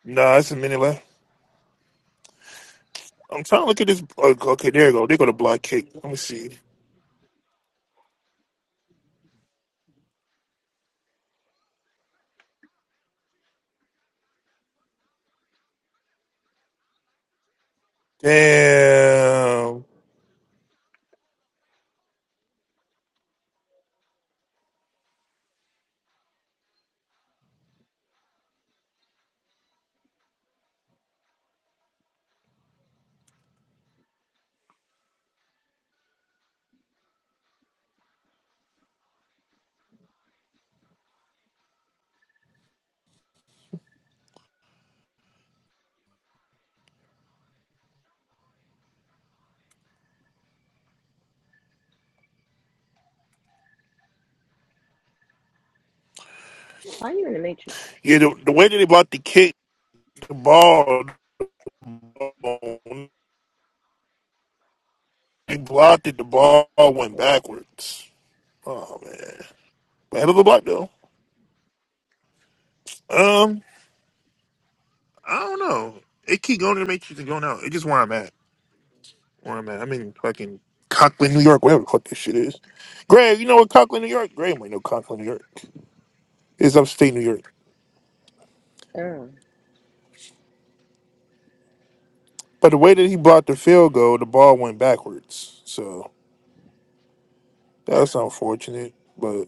A: Nah, it's a minute left. I'm trying to look at this. oh, Okay, there you go. They go to block kick. Let me see. Damn.
B: Why are you in the matrix?
A: Yeah, the, the way that they blocked the kick, the ball, they blocked it. The ball went
B: Yeah.
A: backwards. Oh man. Head of the block though. Um, I don't know. It keep going to the matrix and going out. It's just where I'm at. Where I'm at. I'm in fucking Conklin, New York, whatever the fuck this shit is. Greg, you know what Conklin, New York? Greg might know Conklin, New York. It's upstate New York.
B: Oh,
A: But the way that he blocked the field goal, the ball went backwards. So that's unfortunate. But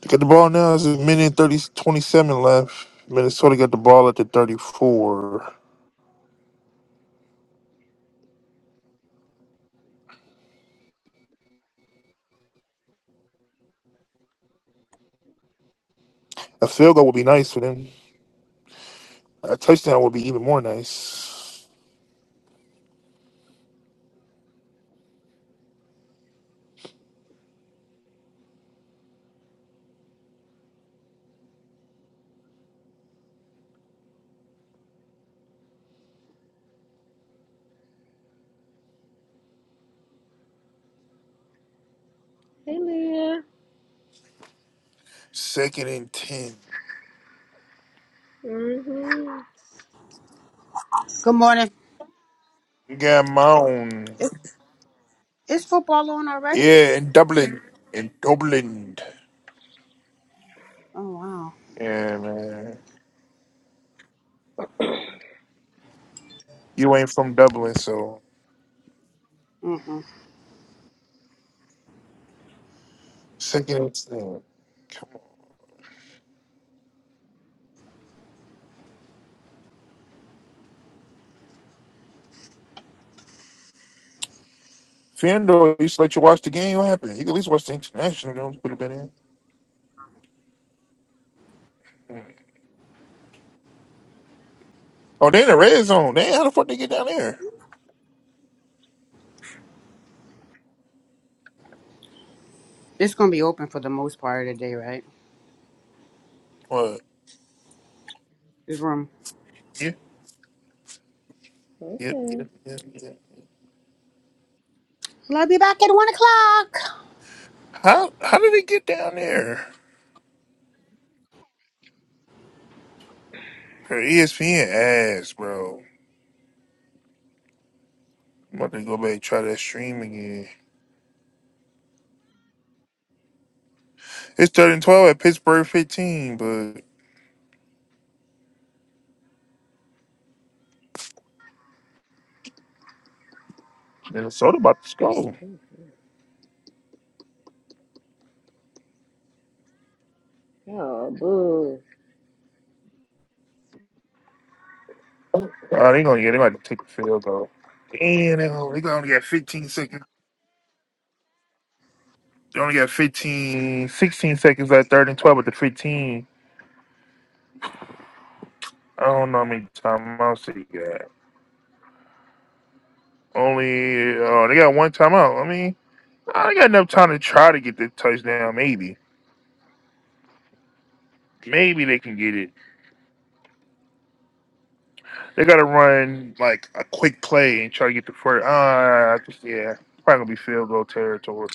A: they got the ball now. It's a minute and 30, twenty-seven left. Minnesota got the ball at the 34. A field goal would be nice for them. A touchdown would be even more nice. Second and 10.
B: mm-hmm.
C: Good morning.
A: Yeah, man.
C: Is, is football on already?
A: Yeah, in Dublin. In Dublin.
C: Oh wow.
A: Yeah, man. You ain't from Dublin, so
C: Mm-mm.
A: second. instinct. Come on. Fendo used to let you watch the game. What happened? You could at least watch the international games. Could have been in. Oh, they in the red zone. They how the fuck they get down there?
C: It's gonna be open for the most part of the day, right?
A: What?
C: This room.
A: Yeah, yeah, yeah,
B: okay.
A: yeah, yeah.
C: Well, I'll be back at one o'clock.
A: How how did they get down there? Her ESPN ass, bro. I'm about to go back and try that stream again. It's third and twelve at Pittsburgh fifteen, but Minnesota about to score.
B: Oh, boo.
A: Oh, they gonna get they might take the field goal. Damn, they gonna, they gonna get 15 seconds. They only got 15, 16 seconds at third and 12 with the 15. I don't know how many timeouts they got. Only, oh, they got one timeout. I mean, I they got enough time to try to get the touchdown, maybe. Maybe they can get it. They gotta run like a quick play and try to get the first. Ah, I just, yeah, probably gonna be field goal territory.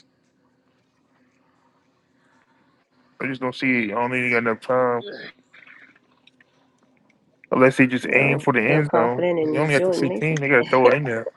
A: I just don't see it. I don't think they got enough time. Unless he just
B: You
A: aim
B: know,
A: for the
B: feel
A: end zone.
B: confident
A: You
B: in
A: only have to
B: Jordan Mason?
A: 15. They got to throw it in there.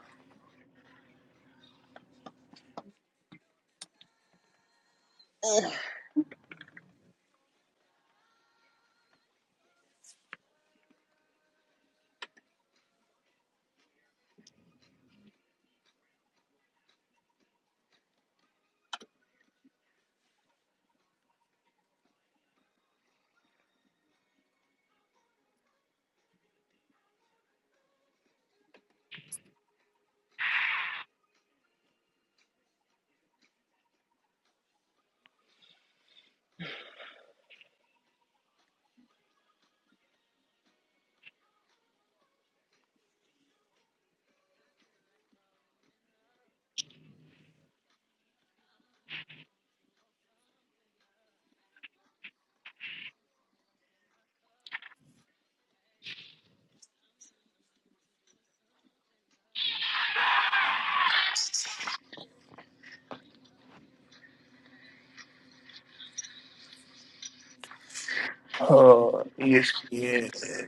A: Uh, ESPN.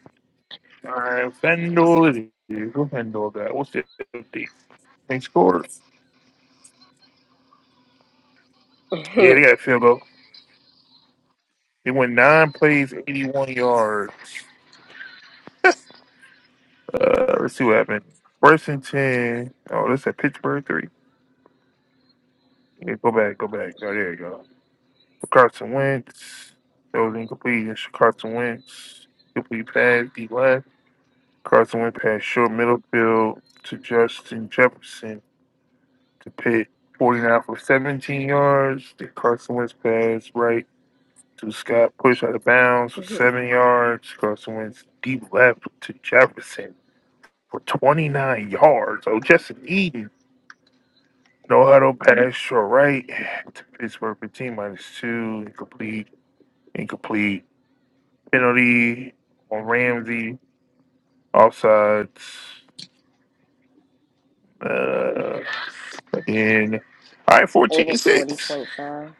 A: All right, FanDuel it is. Who FanDuel got? What's the 50. They scored. Yeah, they got a field goal. They went nine plays, 81 yards. Uh, let's see what happened. First and 10. Oh, this at Pittsburgh 3. Yeah, go back, go back. Oh, there you go. Carson Wentz. That was incomplete. It's Carson Wentz. Complete pass, D Carson went past short middle field to Justin Jefferson to Pitt, 49 for 17 yards. Then Carson Wentz pass right to Scott, push out of bounds for seven yards. Carson Wentz deep left to Jefferson for 29 yards. Oh, Justin Eden. No huddle pass short right to Pittsburgh 15 minus two. Incomplete. Incomplete. Penalty on Ramsey. Offsides. Uh, And all right,
B: Over
A: 14 6.
B: 40.5.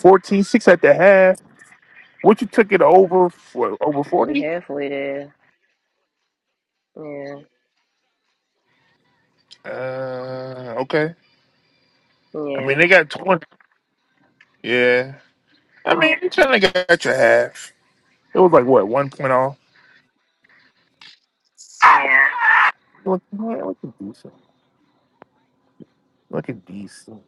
A: fourteen six at the half. What you took it over for over
B: So
A: 40?
B: you halfway there. Yeah.
A: Uh okay. I mean
B: Yeah.
A: they got 20. Yeah. I mean you trying to get your half. It was like what, one point off? Yeah. Look, looking decent. Looking decent.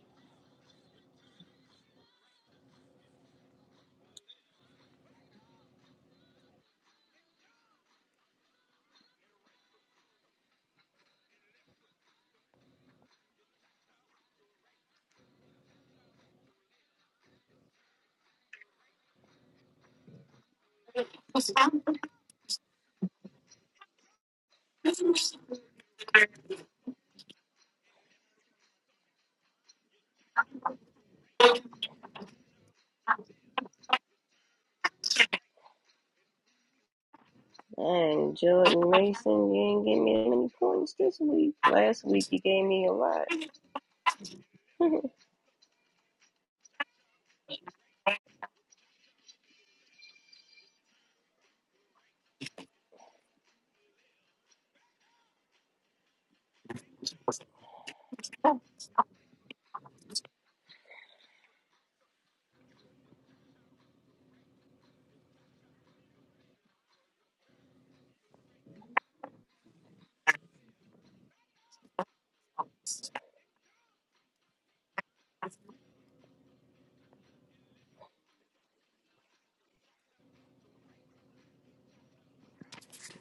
B: Dang, Jordan Mason, you ain't give me that many points this week. Last week you gave me a lot.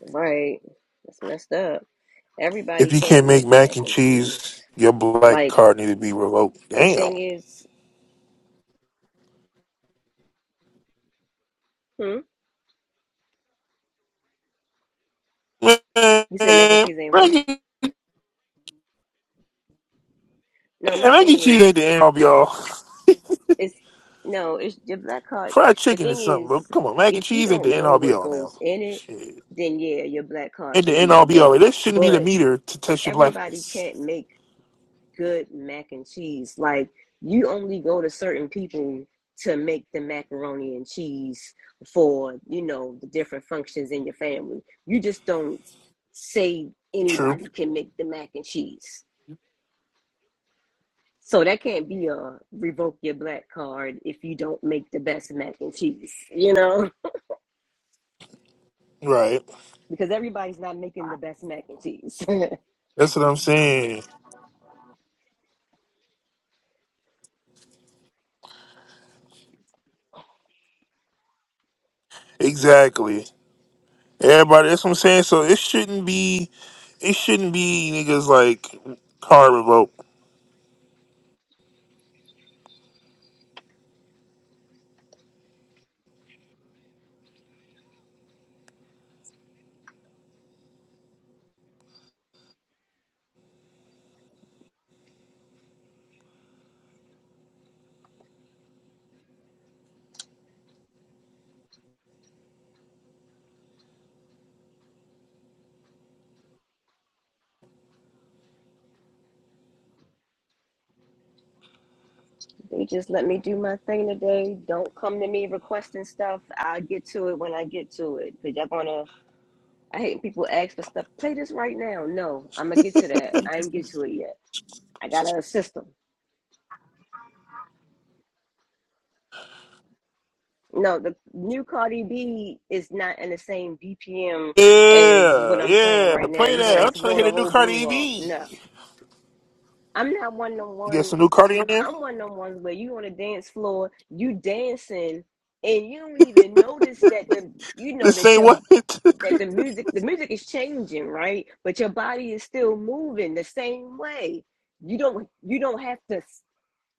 B: Right. That's messed up.
A: If
B: Everybody
A: you can't
B: can't
A: make
B: make
A: mac
B: mac
A: and
B: and cheese.
A: cheese, your black
B: Like
A: card need to be revoked.
B: the
A: Damn.
B: thing is hmm?
A: Man, mac
B: You said mac and cheese ain't what?
A: and
B: No, my
A: mac
B: thing
A: and cheese ain't
B: is
A: the end of y'all.
B: it's no, it's the black card
A: Fried
B: the
A: chicken is
B: thing
A: something, bro.
B: is
A: Come on, mac and
B: if you
A: cheese ain't the
B: don't
A: end
B: know
A: all be
B: what
A: all now.
B: goes in it,
A: Shit.
B: then yeah, your black card
A: Ain't the
B: can
A: end
B: be
A: all be all.
B: revoked.
A: That shouldn't be the
B: But
A: meter to test your
B: everybody
A: blackness.
B: can't make good mac and cheese. Like you only go to certain people to make the macaroni and cheese for, you know, the different functions in your family. You just don't say
A: True.
B: anybody can make the mac and cheese. So that can't be a revoke your black card if you don't make the best mac and cheese, you know?
A: Right.
B: Because everybody's not making the best mac and cheese.
A: That's what I'm saying. Exactly. Everybody, that's what I'm saying. So it shouldn't be, it shouldn't be niggas like car revolt.
B: They just let me do my thing today. Don't come to me requesting stuff. I'll get to it when I get to it. Cause y'all gonna I hate people ask for stuff. Play this right now. No, I'm gonna get to that. I ain't get to it yet. I got a system. No, the new Cardi B is not in the same BPM as what
A: Yeah,
B: I'm playing
A: yeah.
B: right now.
A: Play
B: You're
A: that.
B: gonna
A: I'm trying
B: throw
A: to
B: the
A: hit a new
B: whole groove
A: Cardi
B: off. No.
A: B.
B: I'm not one to
A: You got
B: one.
A: some new Cardi in there?
B: I'm one of them ones where you on a dance floor, you dancing, and you don't even notice that the you know
A: This
B: that
A: ain't
B: your
A: what?
B: that the music the music is changing, right? But your body is still moving the same way. You don't you don't have to.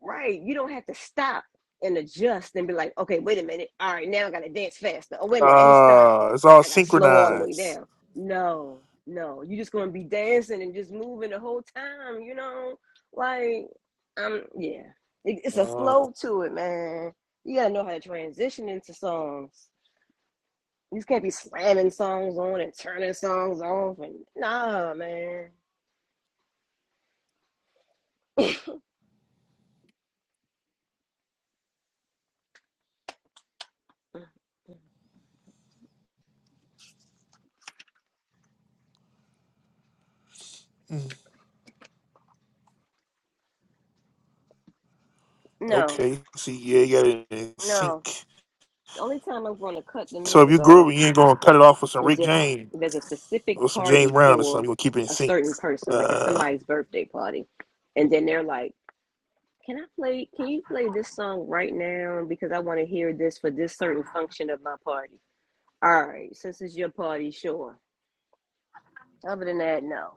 B: Right. You don't have to stop and adjust and be like, okay, wait a minute. All right, now I gotta dance faster. Oh, wait a minute, let me stop.
A: Ah, it's
B: Now
A: all
B: I gotta slow all the way
A: synchronized.
B: down. No, no. You're just gonna be dancing and just moving the whole time, you know? Like, um, yeah. It, it's a
A: Uh,
B: flow to it, man. You gotta know how to transition into songs. You just can't be slamming songs on and turning songs off and nah, man. Mm,
A: hmm.
B: No,
A: Okay. See, yeah, you got it in sync.
B: no. The only time I'm gonna cut the
A: So if
B: music
A: you
B: off
A: grooving, you ain't gonna cut it off with some Rick
B: is if
A: James
B: there's a
A: or
B: specific
A: some James
B: party
A: Brown or something.
B: for
A: You gonna keep it in
B: a
A: sync.
B: certain person, like it's
A: Uh,
B: somebody's birthday party, and then they're like, "Can I play? Can you play this song right now? Because I want to hear this for this certain function of my party." All right, since it's your party, sure. Other than that, no.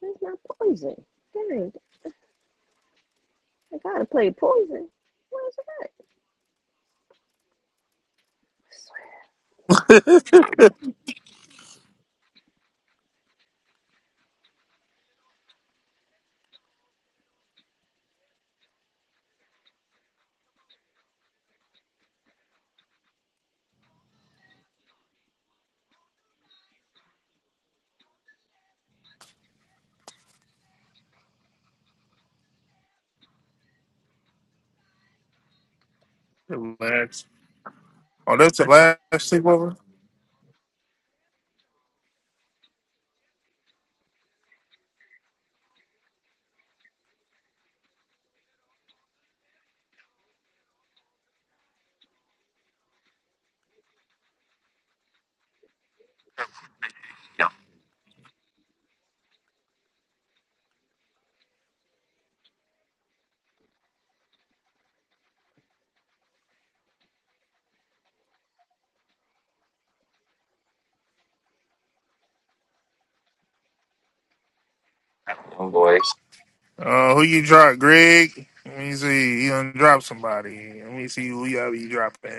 B: Where's my poison. Dang, I gotta play poison. Where's it at?
A: Relax. Oh, that's the last sleepover. Oh boy. Uh, who you drop, Greg? Let me see. You done drop somebody. Let me see who y'all be dropping.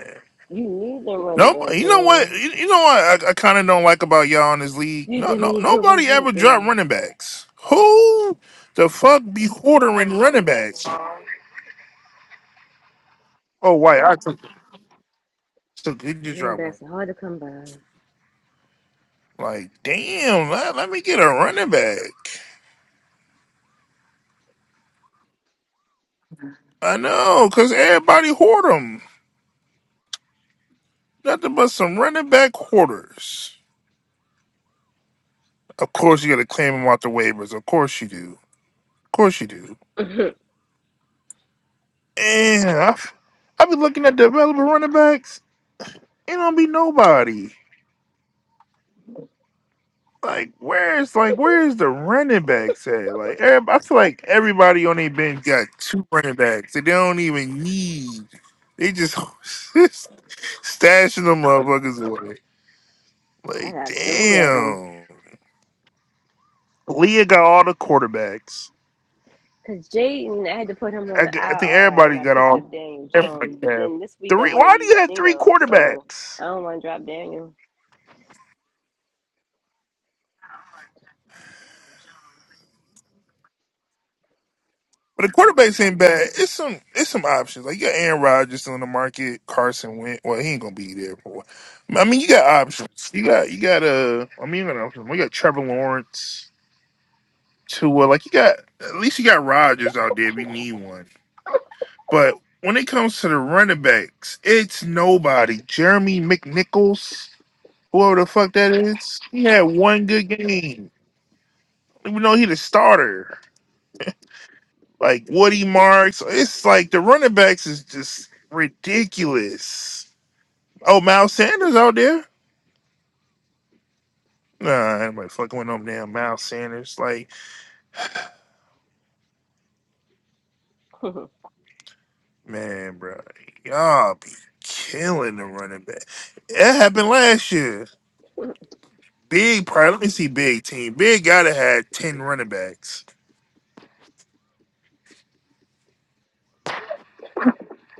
B: You need the running
A: No,
B: backs,
A: you know what? You,
B: man.
A: you know what? I, I kind of don't like about y'all in this league.
B: There ain't
A: No,
B: that
A: no,
B: many good
A: nobody
B: ones out
A: ever dropped
B: there.
A: running backs. Who the fuck be ordering running backs? Oh, wait, I took took good you
B: Running
A: drop one.
B: backs are hard to come by.
A: Like, damn, let, let me get a running back. I know, cause everybody hoard them. Nothing but some running back hoarders. Of course, you gotta claim them out the waivers. Of course you do. Of course you do. And I've I, f- I be looking at developer running backs. It don't be nobody. Like where's like where's the running backs at? Like every- I feel like everybody on their bench got two running backs. that They don't even need. They just stashing them motherfuckers away.
B: I
A: Like
B: got three of them.
A: damn, Leah got all the quarterbacks.
B: Because Jaden, I had to put him on
A: I,
B: the
A: g- I think
B: IR, and then
A: everybody
B: I
A: got
B: picked up
A: all.
B: Daniel
A: everybody
B: Jones. But
A: got-
B: then this week I
A: Three.
B: want to
A: Why do
B: use
A: you have three
B: Geno, so
A: quarterbacks?
B: I don't want to drop Daniel.
A: But the quarterbacks ain't bad. It's some it's some options. Like you got Aaron Rodgers still on the market. Carson went. Well, he ain't gonna be there for. a while. I mean, you got options. You got you got uh. I mean, you got options. We got Trevor Lawrence. Tua. Like you got at least you got Rodgers out there if you need one. But when it comes to the running backs, it's nobody. Jeremy McNichols, whoever the fuck that is, he had one good game. Even though he the starter. like Woody Marks. It's like the running backs is just ridiculous. Oh, Miles Sanders out there? Nah, anybody fucking with them damn Miles Sanders. Like, man, bro, y'all be killing the running back. That happened last year. Big, probably. Let me see. Big team. Big gotta had ten running backs.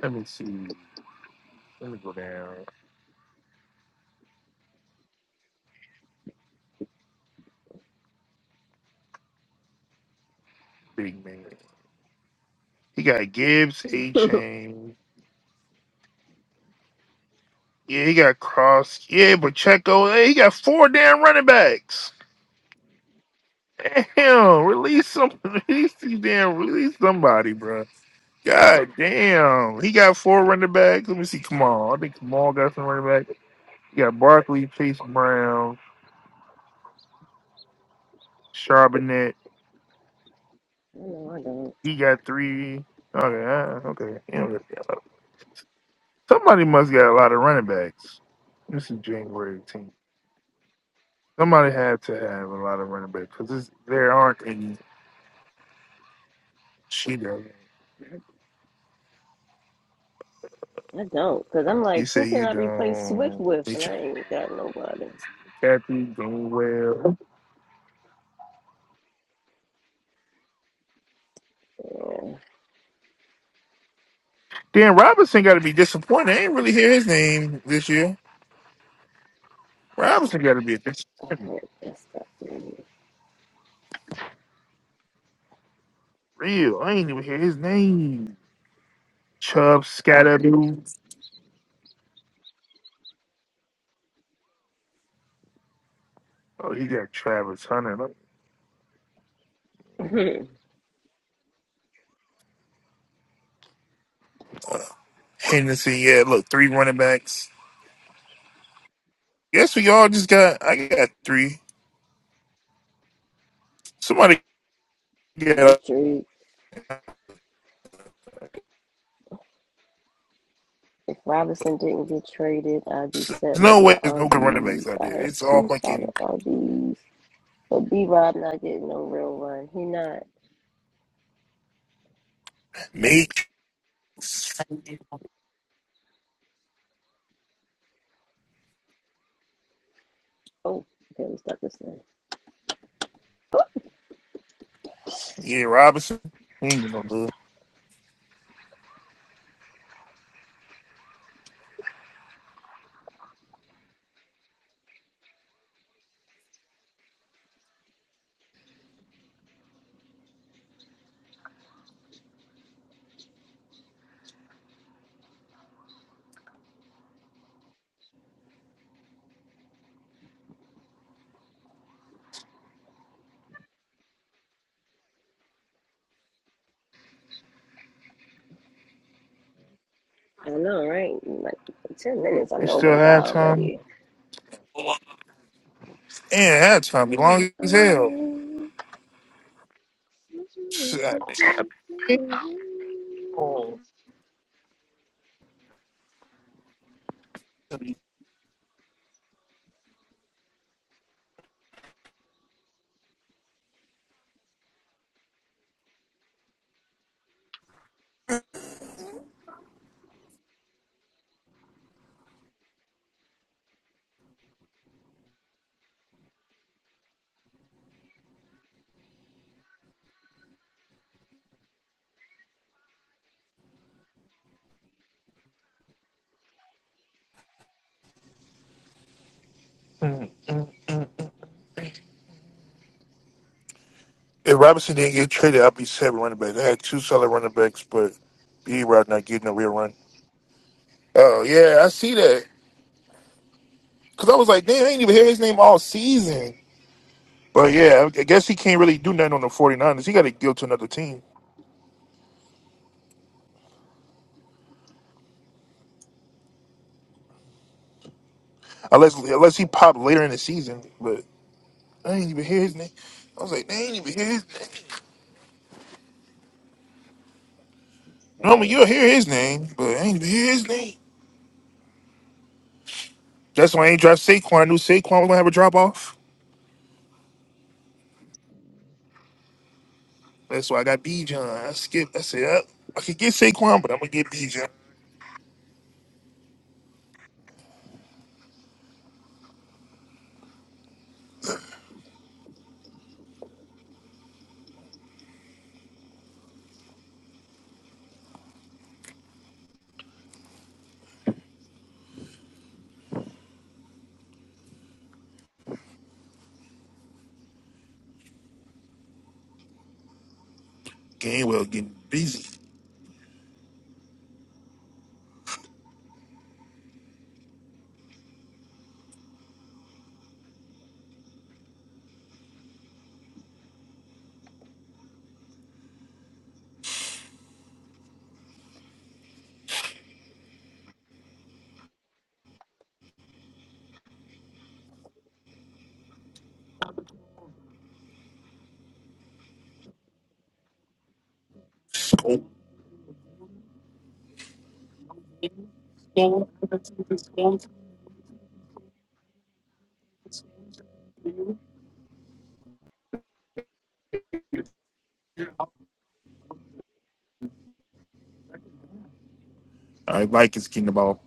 A: Let me see. Let me go down. Big man. He got Gibbs, A
B: no,
A: Chain. Yeah, he got Cross. Yeah, but Pacheco. Hey, he got four damn running backs. Damn, release some, release these damn, release somebody, bro. God damn, he got four running backs. Let me see, come on, I think Kamal got some running back. He got Barkley, Chase Brown, Charbonnet.
B: I don't.
A: He got three. Okay, uh, okay. He don't really got a lot. Somebody must got a lot of running backs. This is January 18th. Somebody had to have a lot of running backs because there aren't any. She does.
B: I don't, because I'm
A: You
B: like, who
A: say
B: can
A: you
B: I replace Swift
A: don't.
B: with? And I
A: Nature
B: ain't got nobody.
A: Kathy doing well.
B: Yeah.
A: Dan Robinson got to be disappointed. I ain't really hear his name this year. Robinson got to be a disappointment.
B: Okay, that's that.
A: Real. I ain't even hear his name. Chubb, Scatterboo. Oh, he got Travis Hunter. Look. Uh, Henderson, yeah, look, three running backs. Guess we all just got, I got three. Somebody get us.
B: Make trade. If Robinson didn't get traded, I'd be set
A: There's
B: with
A: no
B: my
A: way there's no good running backs
B: RBs.
A: out
B: I
A: there.
B: have
A: It's all
B: two solid
A: fucking
B: RBs. But B Rob not getting no real run. He not.
A: Matrix.
B: Oh, okay, we start this now.
A: Yeah, Robinson. He ain't gonna do it.
B: I know, right? Like ten minutes, I
A: They
B: know
A: still
B: went by
A: have time.
B: already.
A: And have time. Be long as hell.
B: you,
A: Shit. If Robinson didn't get traded, I'd be seven running backs. I had two solid running backs, but B Rod not getting a real run. Oh yeah, I see that. Cause I was like, damn, I ain't even hear his name all season. But yeah, I I guess he can't really do nothing on the 49ers. He got to go to another team unless unless he popped later in the season. But I ain't even hear his name. I was like, I ain't even hear his name. Normally you'll hear his name, but I ain't even hear his name. That's why I ain't draft Saquon. I knew Saquon was gonna have a drop off. That's why I got Bijan. I skipped. I said I, I could get Saquon, but I'm gonna get Bijan. John. Gainwell getting busy. Score. I like his getting the ball.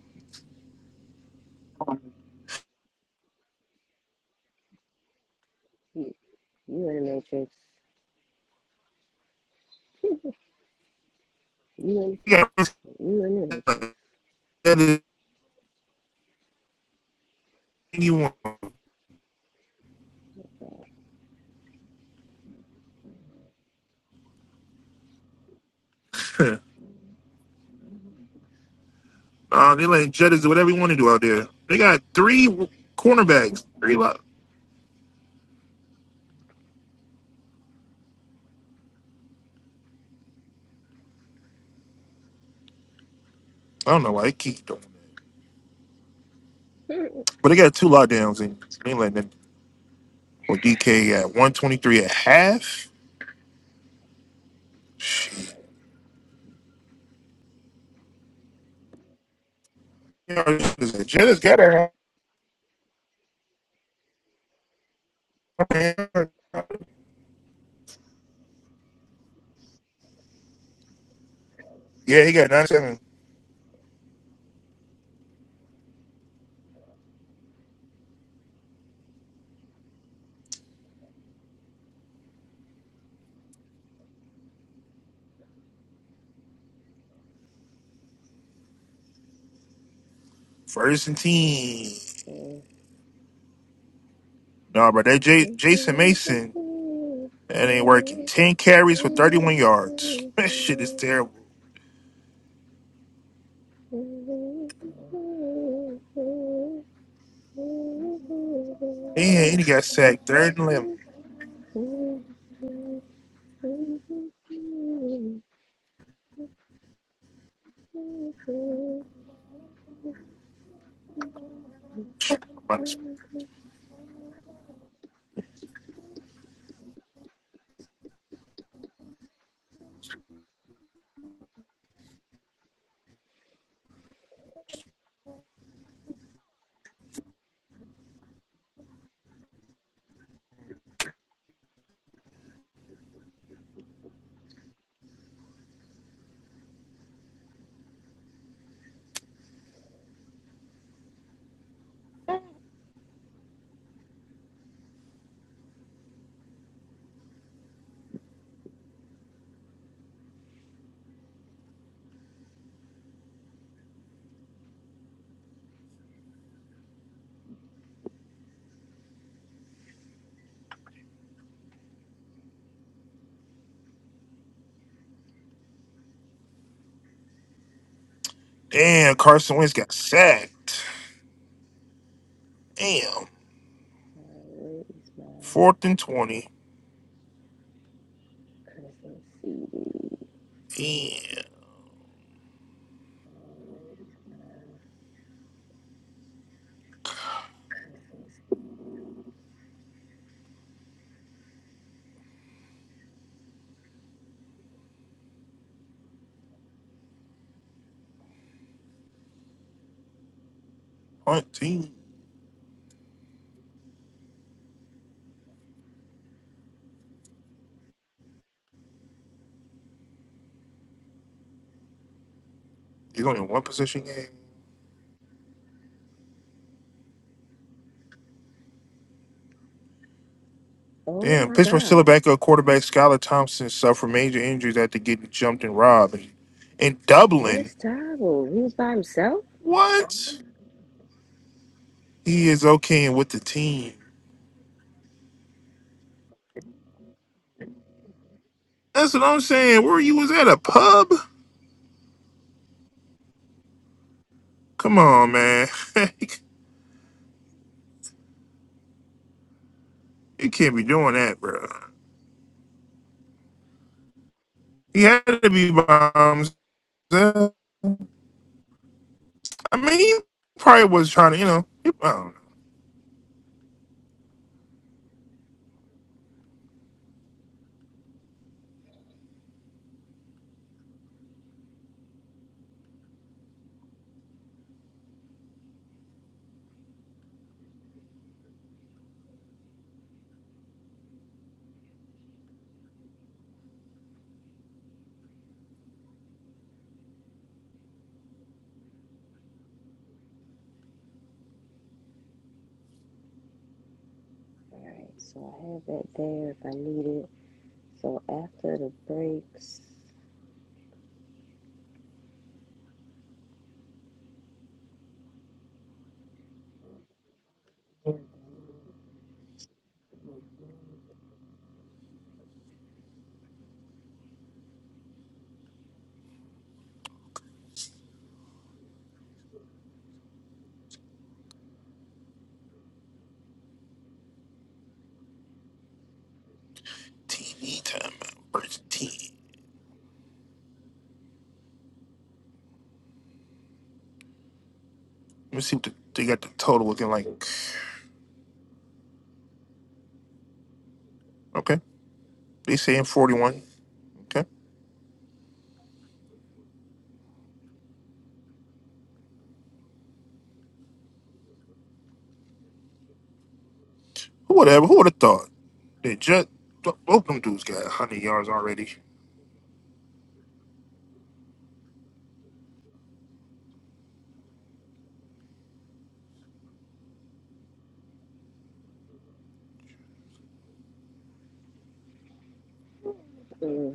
B: you in the matrix. You in,
A: Yeah,
B: you in the matrix.
A: that is what you want. Uh, they let Jettas do whatever you want to do out there. They got three cornerbacks. Three lock. I don't know why they keep doing that. But they got two lockdowns and they ain't letting them with DK at 123 at half. Shit. You know, Jettas got a half. Yeah, he got 97. First and ten. Nah, bro, that J- Jason Mason, that ain't working. Ten carries for thirty-one yards. That shit is terrible. Man, and he got sacked third and eleven. Damn, Carson Wentz got sacked. Damn,
B: right, where is my
A: fourth and twenty.
B: cousin CD?
A: Damn, hunting. He's only in one position game.
B: Oh
A: Damn,
B: my
A: Pittsburgh still a
B: God,
A: backup quarterback. Skylar Thompson suffered major injuries after getting jumped and robbed. And
B: that
A: Dublin,
B: is terrible. He was by himself.
A: what? He is okay and with the team. That's what I'm saying. Where you was at a pub? Come on, man. you can't be doing that, bro. He had to be by himself. I mean, he probably was trying to, you know, I don't know.
B: All right, so I have that there if I need it. So after the breaks,
A: TV time versus TV. Let me see what the, they got the total looking like. Okay, they saying 41. Okay, who would have? Who would have thought? They just both them dudes got 100 yards already.
B: mm,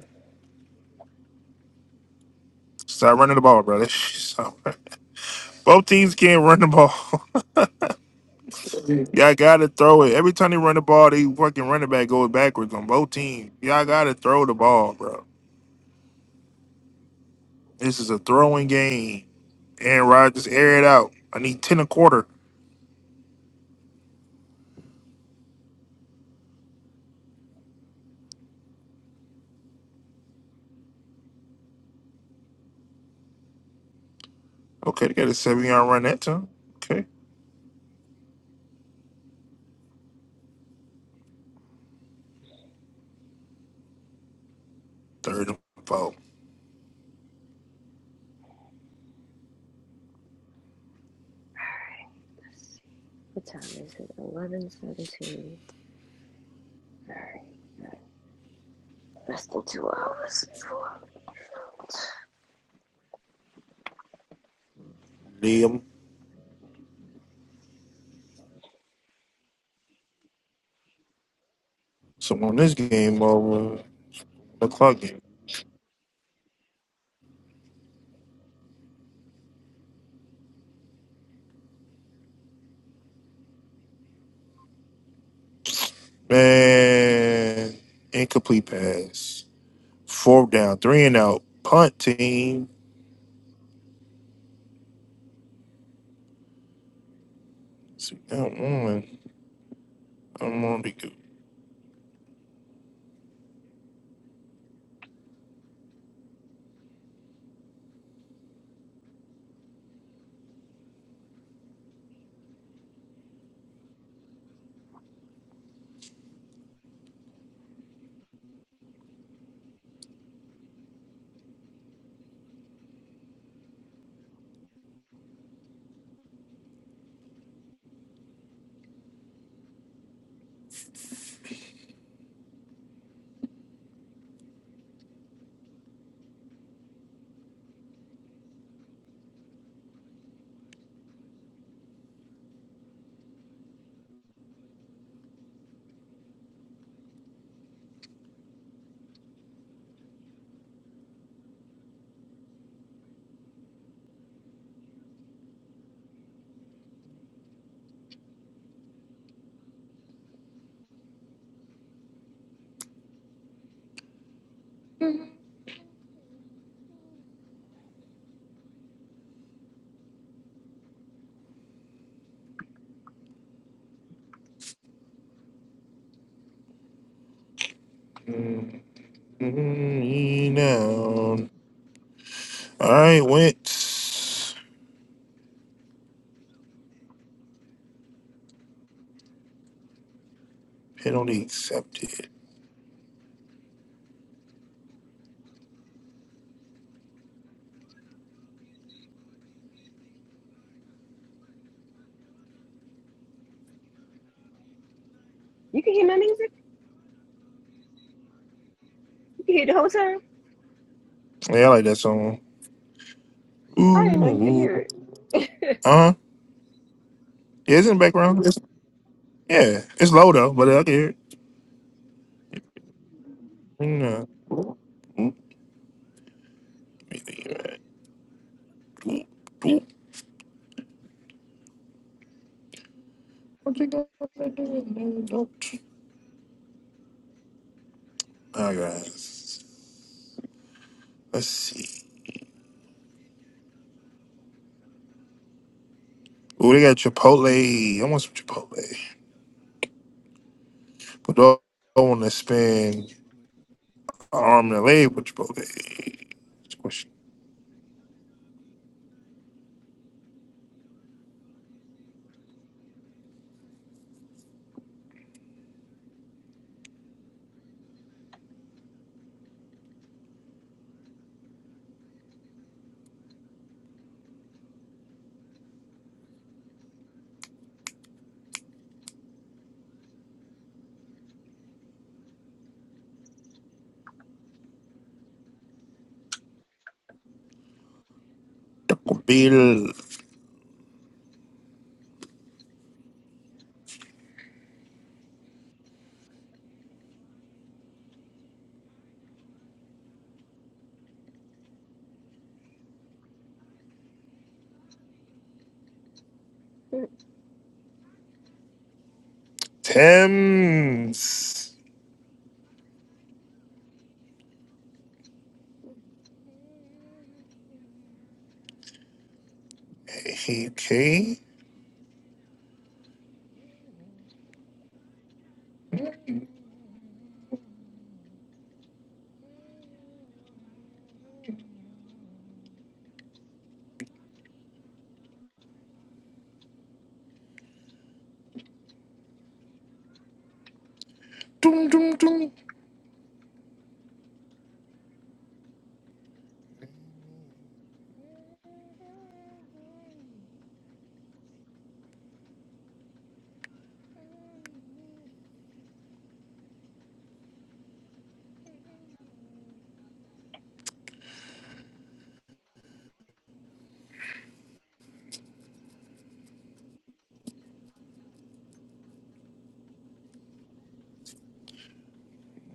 A: Start running the ball, brother. Stop. Both teams can't run the ball. Y'all gotta throw it. Every time they run the ball, they fucking running back goes backwards on both teams. Y'all gotta throw the ball, bro. This is a throwing game. Aaron Rodgers, air it out. I need ten a quarter. Okay, they got a seven yard run that time. Okay, third and four.
B: what time is it? Eleven seventeen. All right, less than two hours before.
A: Liam, so on this game over the clock game. Man, incomplete pass. Fourth down, three and out. Punt team. See, that one. I'm on the go. mm mm, down. All right, went penalty accepted.
B: You can hear my music. You can hear the whole time.
A: Yeah, I like that song.
B: I
A: Ooh,
B: didn't know you could hear
A: ooh.
B: it.
A: uh huh. Yeah, it's in the background. It's- yeah, it's low though, but I can hear it. No. Alright, guys. Let's see. Ooh, they got Chipotle. I want some Chipotle. But do I want to spend an arm and a leg for Chipotle? Squish Taco Bill. Thames. Okay. Doom, doom, doom.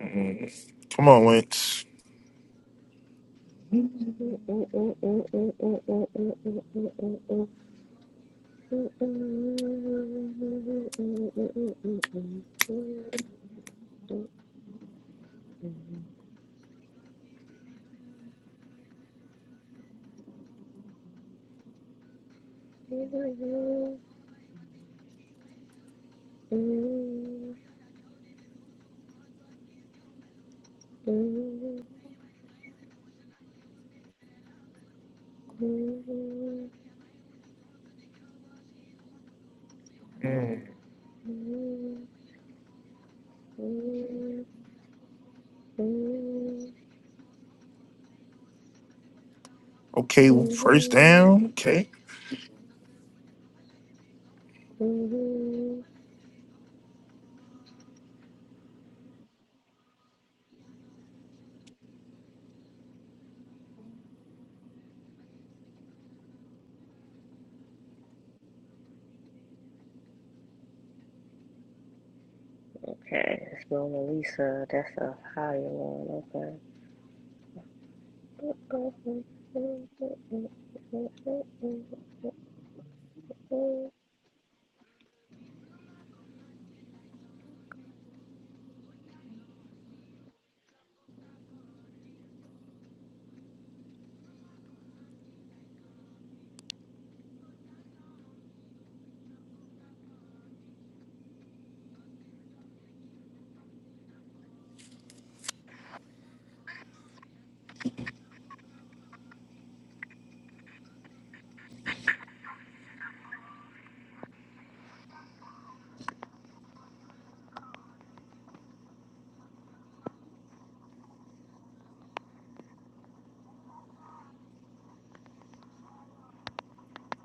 A: Mm, Come on, Lynch. Okay, first down. Okay.
B: Okay, it's Mona Lisa. That's a higher one. Okay.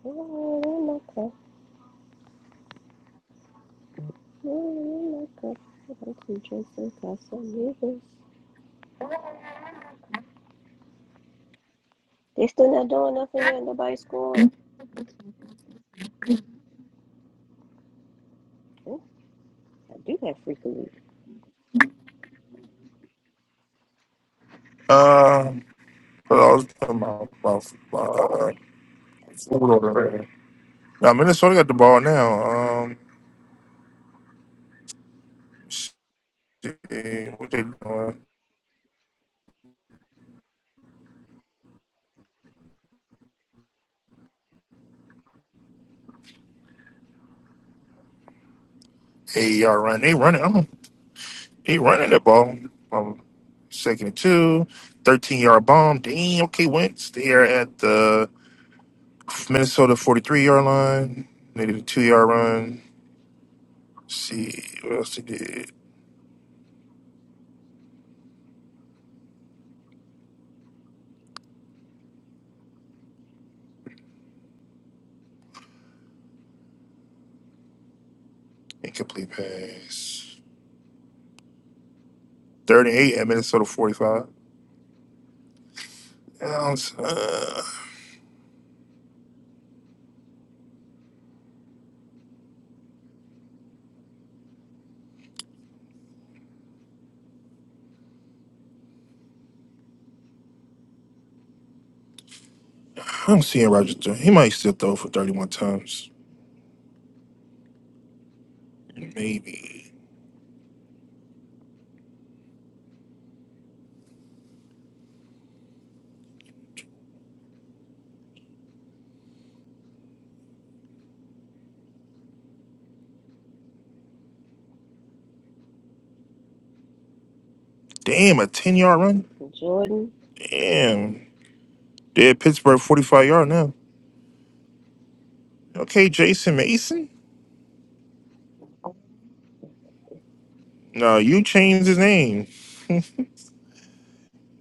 B: Oh, my cup. Oh, my cup. I want to drink some Casamigos. They still not doing nothing yet. Nobody scored. Oh, I do that frequently.
A: Uh, what I was talking about, about, uh, food order. Now, Minnesota got the ball now. Um, shit, what they doing? AER run. They running. I'm, they running the ball. Um, second and two. 13 yard bomb. Damn. Okay, Wentz. They are at the Minnesota 43 yard line. They did a two yard run. Let's see what else they did. Incomplete pass. 38 at Minnesota 45. I don't, uh, I'm seeing Roger. Jones. He might still throw for 31 times. Maybe. Damn, a 10 yard run?
B: Jordan.
A: Damn. They're at Pittsburgh 45 yard now. Okay, Jason Mason? No, you changed his name.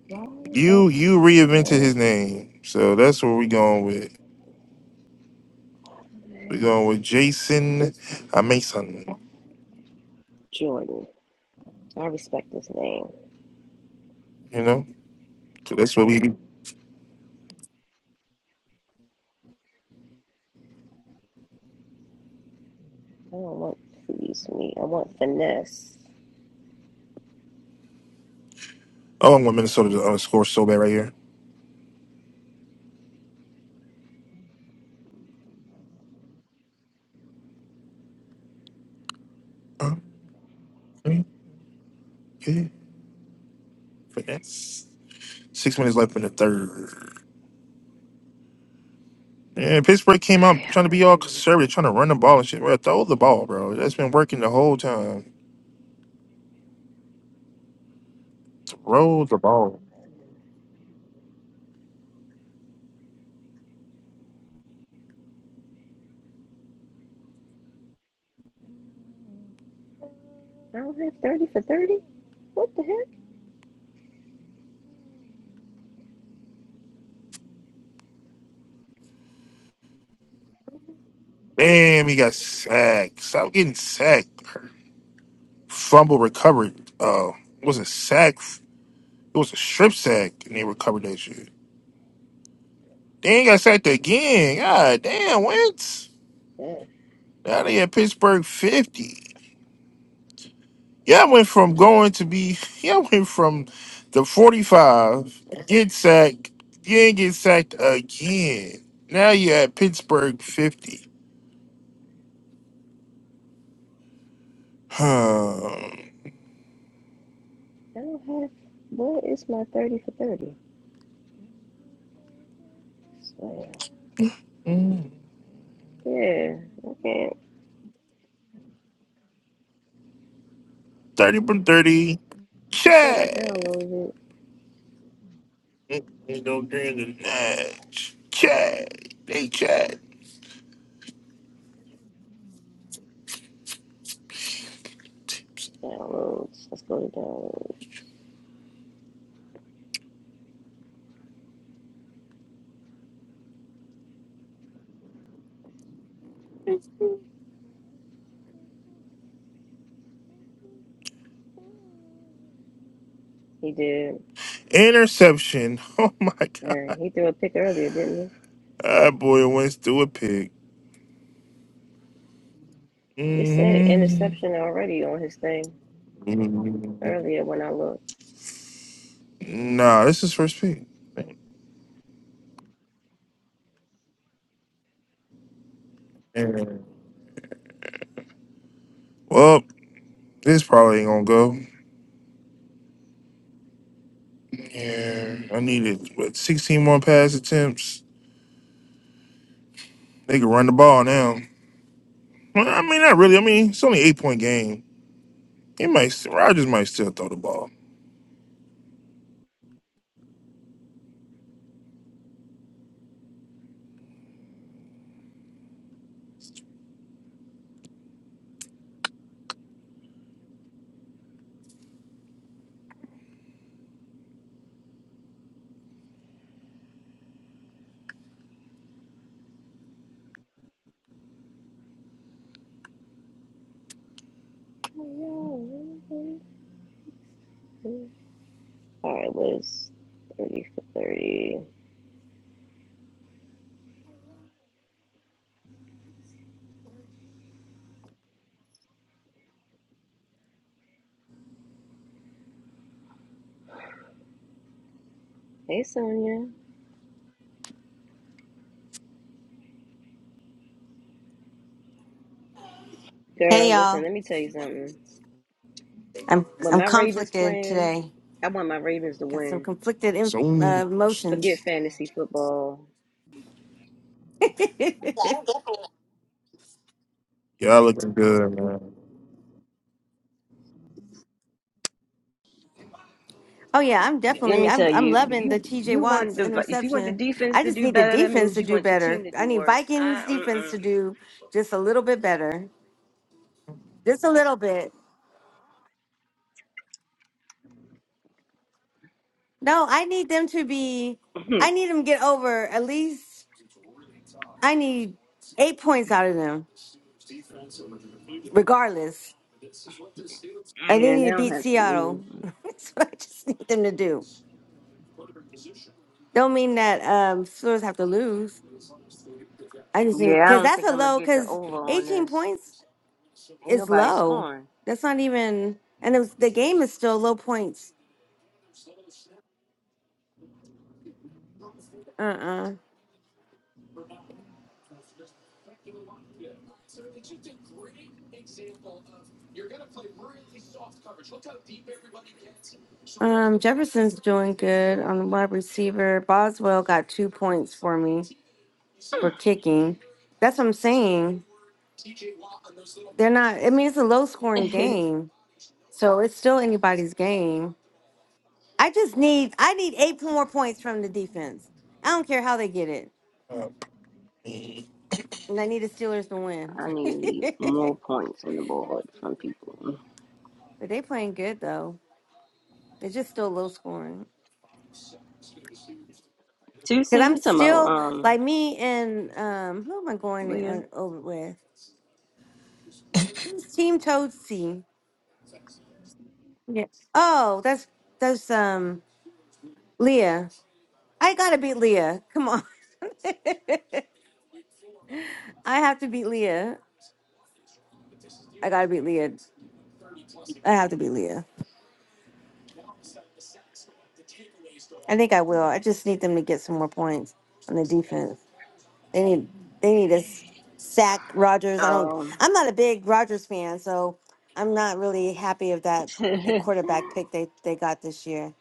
B: Why don't
A: You you reinvented
B: I
A: his name. So that's where we going with. We're
B: have
A: going with Jason
B: this
A: uh, Mason.
B: Jordan? I respect this name.
A: You know, so that's what we. do.
B: I don't want foodie sweet. I want finesse.
A: Oh, I'm going Minnesota to uh, score so bad right here. Uh, okay, okay, finesse. Six minutes left in the third. Yeah, Pittsburgh came
B: Okay,
A: out
B: I
A: trying to
B: want
A: be all
B: finesse.
A: conservative, trying to run the ball and shit. Well, throw the ball, bro. That's been working the whole time. Throw the ball.
B: I don't have 30 for 30. What the heck?
A: Damn, he got sacked. Stop getting sacked. Fumble recovered. Uh, it was a sack. It was a strip sack, and they recovered that shit. They ain't got sacked again. God damn, Wentz. Now they at Pittsburgh 50. Yeah, all went from going to be, yeah all went from the 45, get sacked, you get sacked again. Now you're at Pittsburgh 50. Huh.
B: I don't have. What is my 30 for 30? So,
A: Mm.
B: yeah, okay.
A: 30 from 30.
B: I thought I
A: Chad.
B: downloaded it.
A: They go during the match. Chad. They chat.
B: Downloads. Let's go to download. He did.
A: Interception. Oh my
B: Uh,
A: God.
B: he threw a pick earlier, didn't
A: Ah, boy, Wentz threw a pig.
B: he? It said
A: hmm
B: interception already on his thing earlier when I looked.
A: Nah, this is first pick. Yeah. Well, this probably ain't gonna go. Yeah, I needed what 16 more pass attempts. They can run the ball now. Well, I mean, not really. I mean, it's only eight point game. He might, st- Rogers might still throw the ball.
B: All right, was 30 for 30. Hey, Sonia.
D: Hey
B: Girl, listen,
D: y'all,
B: let me tell you something.
D: I'm
B: When
D: I'm
B: my Ravens
D: conflicted
B: playing,
D: today.
B: I want my Ravens to
D: Got some
B: win.
D: conflicted in,
A: So
D: uh,
B: Forget
D: emotions.
B: fantasy football.
A: y'all looking good, man.
D: oh yeah, I'm
B: Let
D: definitely
B: me tell
D: I'm I'm
B: you,
D: loving the
B: you
D: T.J.
B: you
D: Watts
B: want the if you want the
D: interception.
B: defense
D: I
B: to
D: just
B: do
D: need the
B: better, that
D: defense
B: means
D: to
B: you
D: do
B: want your
D: better.
B: team to
D: I
B: do
D: need
B: worse.
D: Vikings defense
B: I
D: to do just a little bit better, just a little bit. No, I need them to be.
B: mm-mm.
D: I need them to get over at least. I need eight points out of them, regardless. And they
B: yeah,
D: need
B: they
D: to
B: don't
D: beat
B: have to lose.
D: Seattle. That's what I just need them to do. Don't mean that um Steelers have to lose. I just think
B: Yeah, I
D: because
B: don't
D: that's
B: think
D: a
B: I'm gonna
D: low.
B: get the
D: Because
B: over on
D: eighteen
B: this.
D: points
B: Ain't
D: is
B: nobody
D: low.
B: scoring.
D: That's not even, and it was, the game is still low points. Uh uh Um, Jefferson's doing good on the wide receiver. Boswell got two points for me for kicking. That's what I'm saying. They're not. I mean, it's a low scoring
B: I
D: game. So it's still anybody's game. I just need I need eight more points from the defense. I don't care how they get it.
A: Uh,
D: And I need the Steelers to win.
B: need more points on the board from people.
D: but they playing good though. It's just still low scoring.
B: Two
D: Cause
B: C,
D: I'm
B: you talking about
D: still
B: um
D: like me and um who am I going uh,
B: Leah?
D: over with? Who's Team Toadsy? Yes. Oh, that's that's um Leah. I gotta beat Leah. Come on. I have to beat Leah. I gotta beat Leah. I have to beat Leah. I think I will. I just need them to get some more points on the defense. They need they need to s- sack Rodgers. I don't.
B: Um,
D: I'm not a big Rodgers fan, so I'm not really happy of that
B: they
D: quarterback pick they they got this year.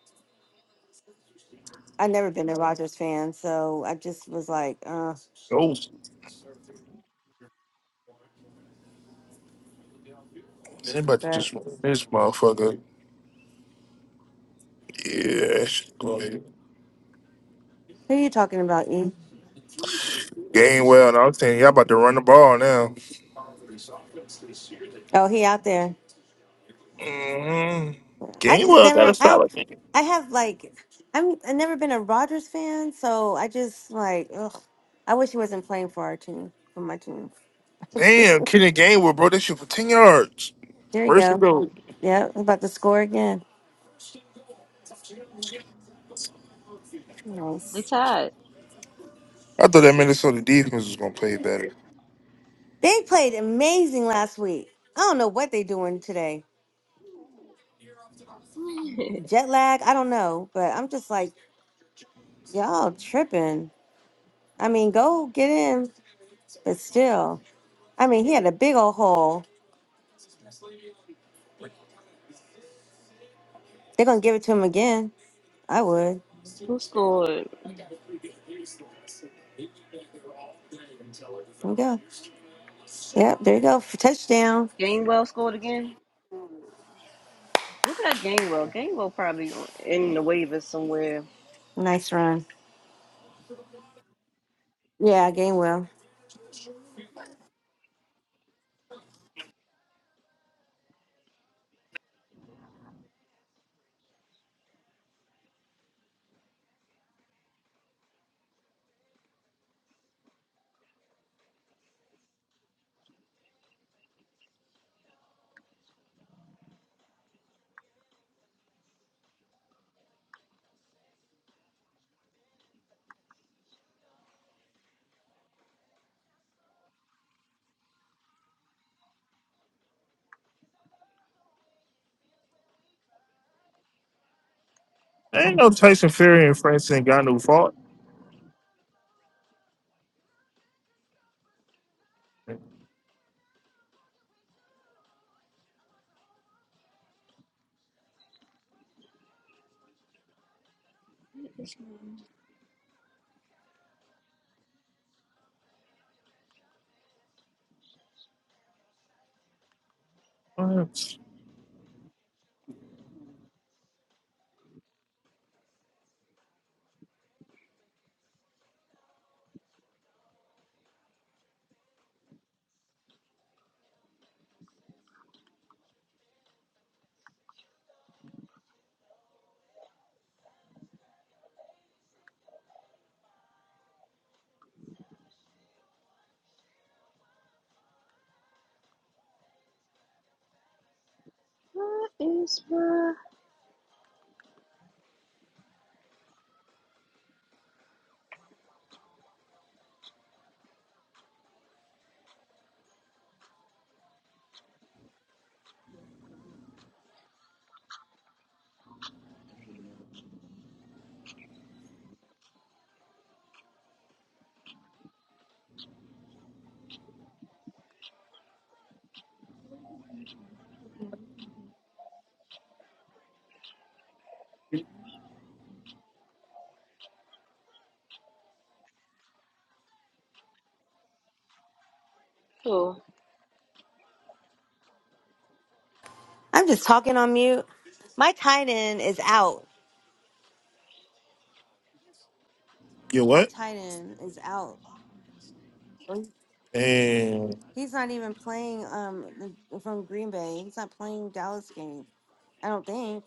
D: I've never been a Rodgers fan, so I just was like, uh.
A: Oh, anybody
D: But
A: just run this motherfucker? Yeah, that shit good.
D: who are you talking about, E?
A: game well. And I was saying y'all about to run the ball now.
D: Oh, he out there.
A: Mm,
D: I just
A: Gainwell got a
D: never I
A: solid game.
D: I have like I'm I've never been a Rodgers fan, so I just like ugh, I wish he wasn't playing for our team for my team. just
A: Damn, Kenny Gainwell, bro, that shit for 10 yards.
D: there you
A: First and
D: go.
A: goal.
D: Yeah, I'm about to score again. Nice.
B: tied.
A: I thought that Minnesota defense was going to play better.
D: They played amazing last week. I don't know what they doing today. Jet lag, I don't know, but I'm just like y'all tripping. I mean, go get in, but still, I mean, he had a big old hole. They're gonna give it to him again. I would.
B: Who scored?
D: There you go. Yep, there you go. For touchdown.
B: Gainwell scored again? Look at Gainwell. Gainwell probably in the waivers somewhere.
D: Nice run. Yeah, game well.
A: ain't no Tyson Fury and Francis got no fault. What?
D: I'm just talking on mute. My tight end is out.
A: You
D: My
A: what?
D: tight end is out.
A: And
D: He's not even playing um from Green Bay. He's not playing Dallas game. I don't think.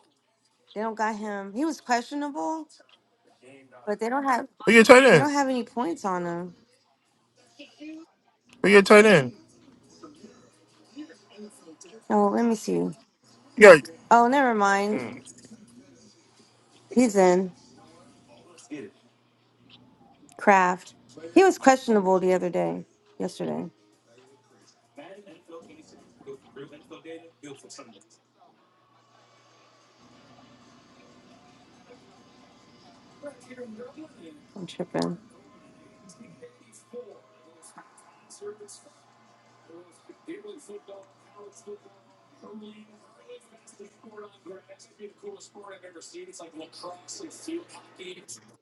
D: They don't got him. He was questionable, but they don't have
A: who your tight
D: they
A: end?
D: don't have any points on him.
A: Who your tight end?
D: Oh, let me see.
A: You got
D: Oh, never mind.
A: mm,
D: He's in craft. He was questionable the other day, yesterday. I'm tripping.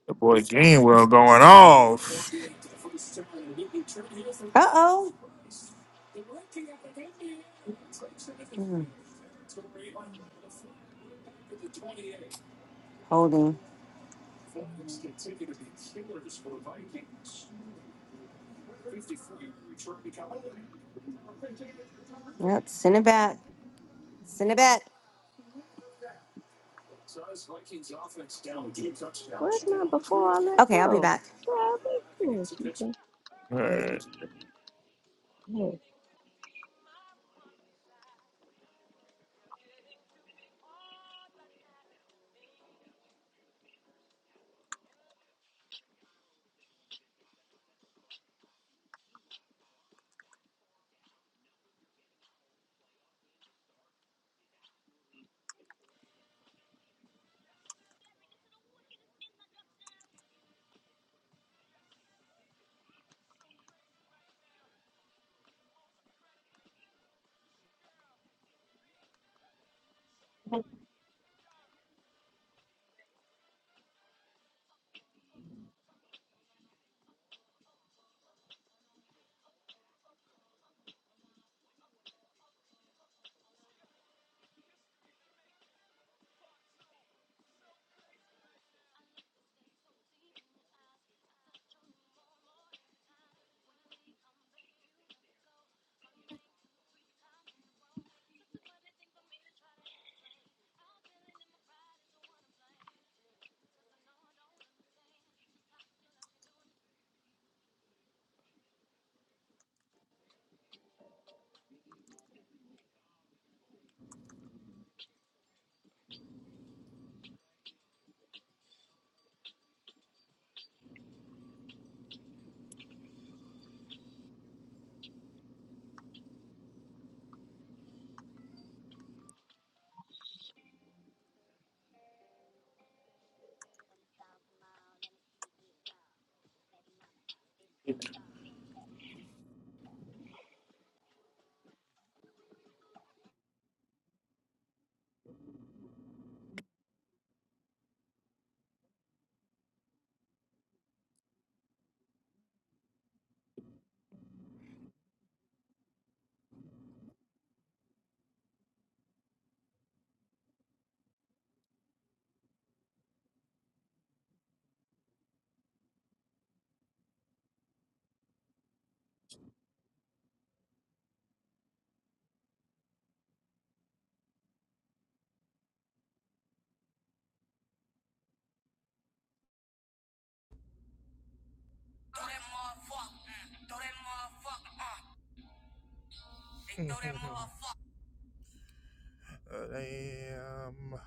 A: the boy Gainwell going off.
D: Uh oh. Holding. Yep. Send it back. Send it back.
B: Where's my before it
D: Okay, I'll be
B: go?
D: back.
A: All right. Uh, damn.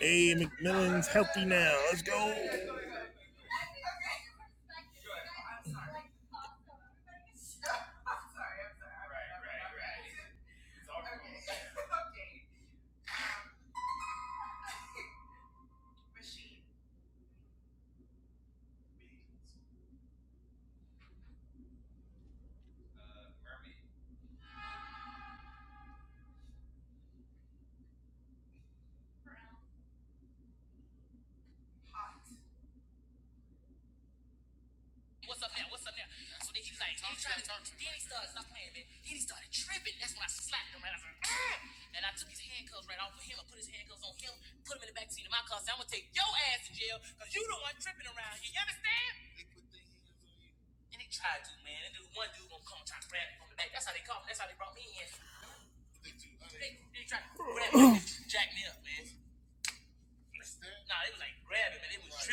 A: Hey, McMillan's healthy now. Let's go.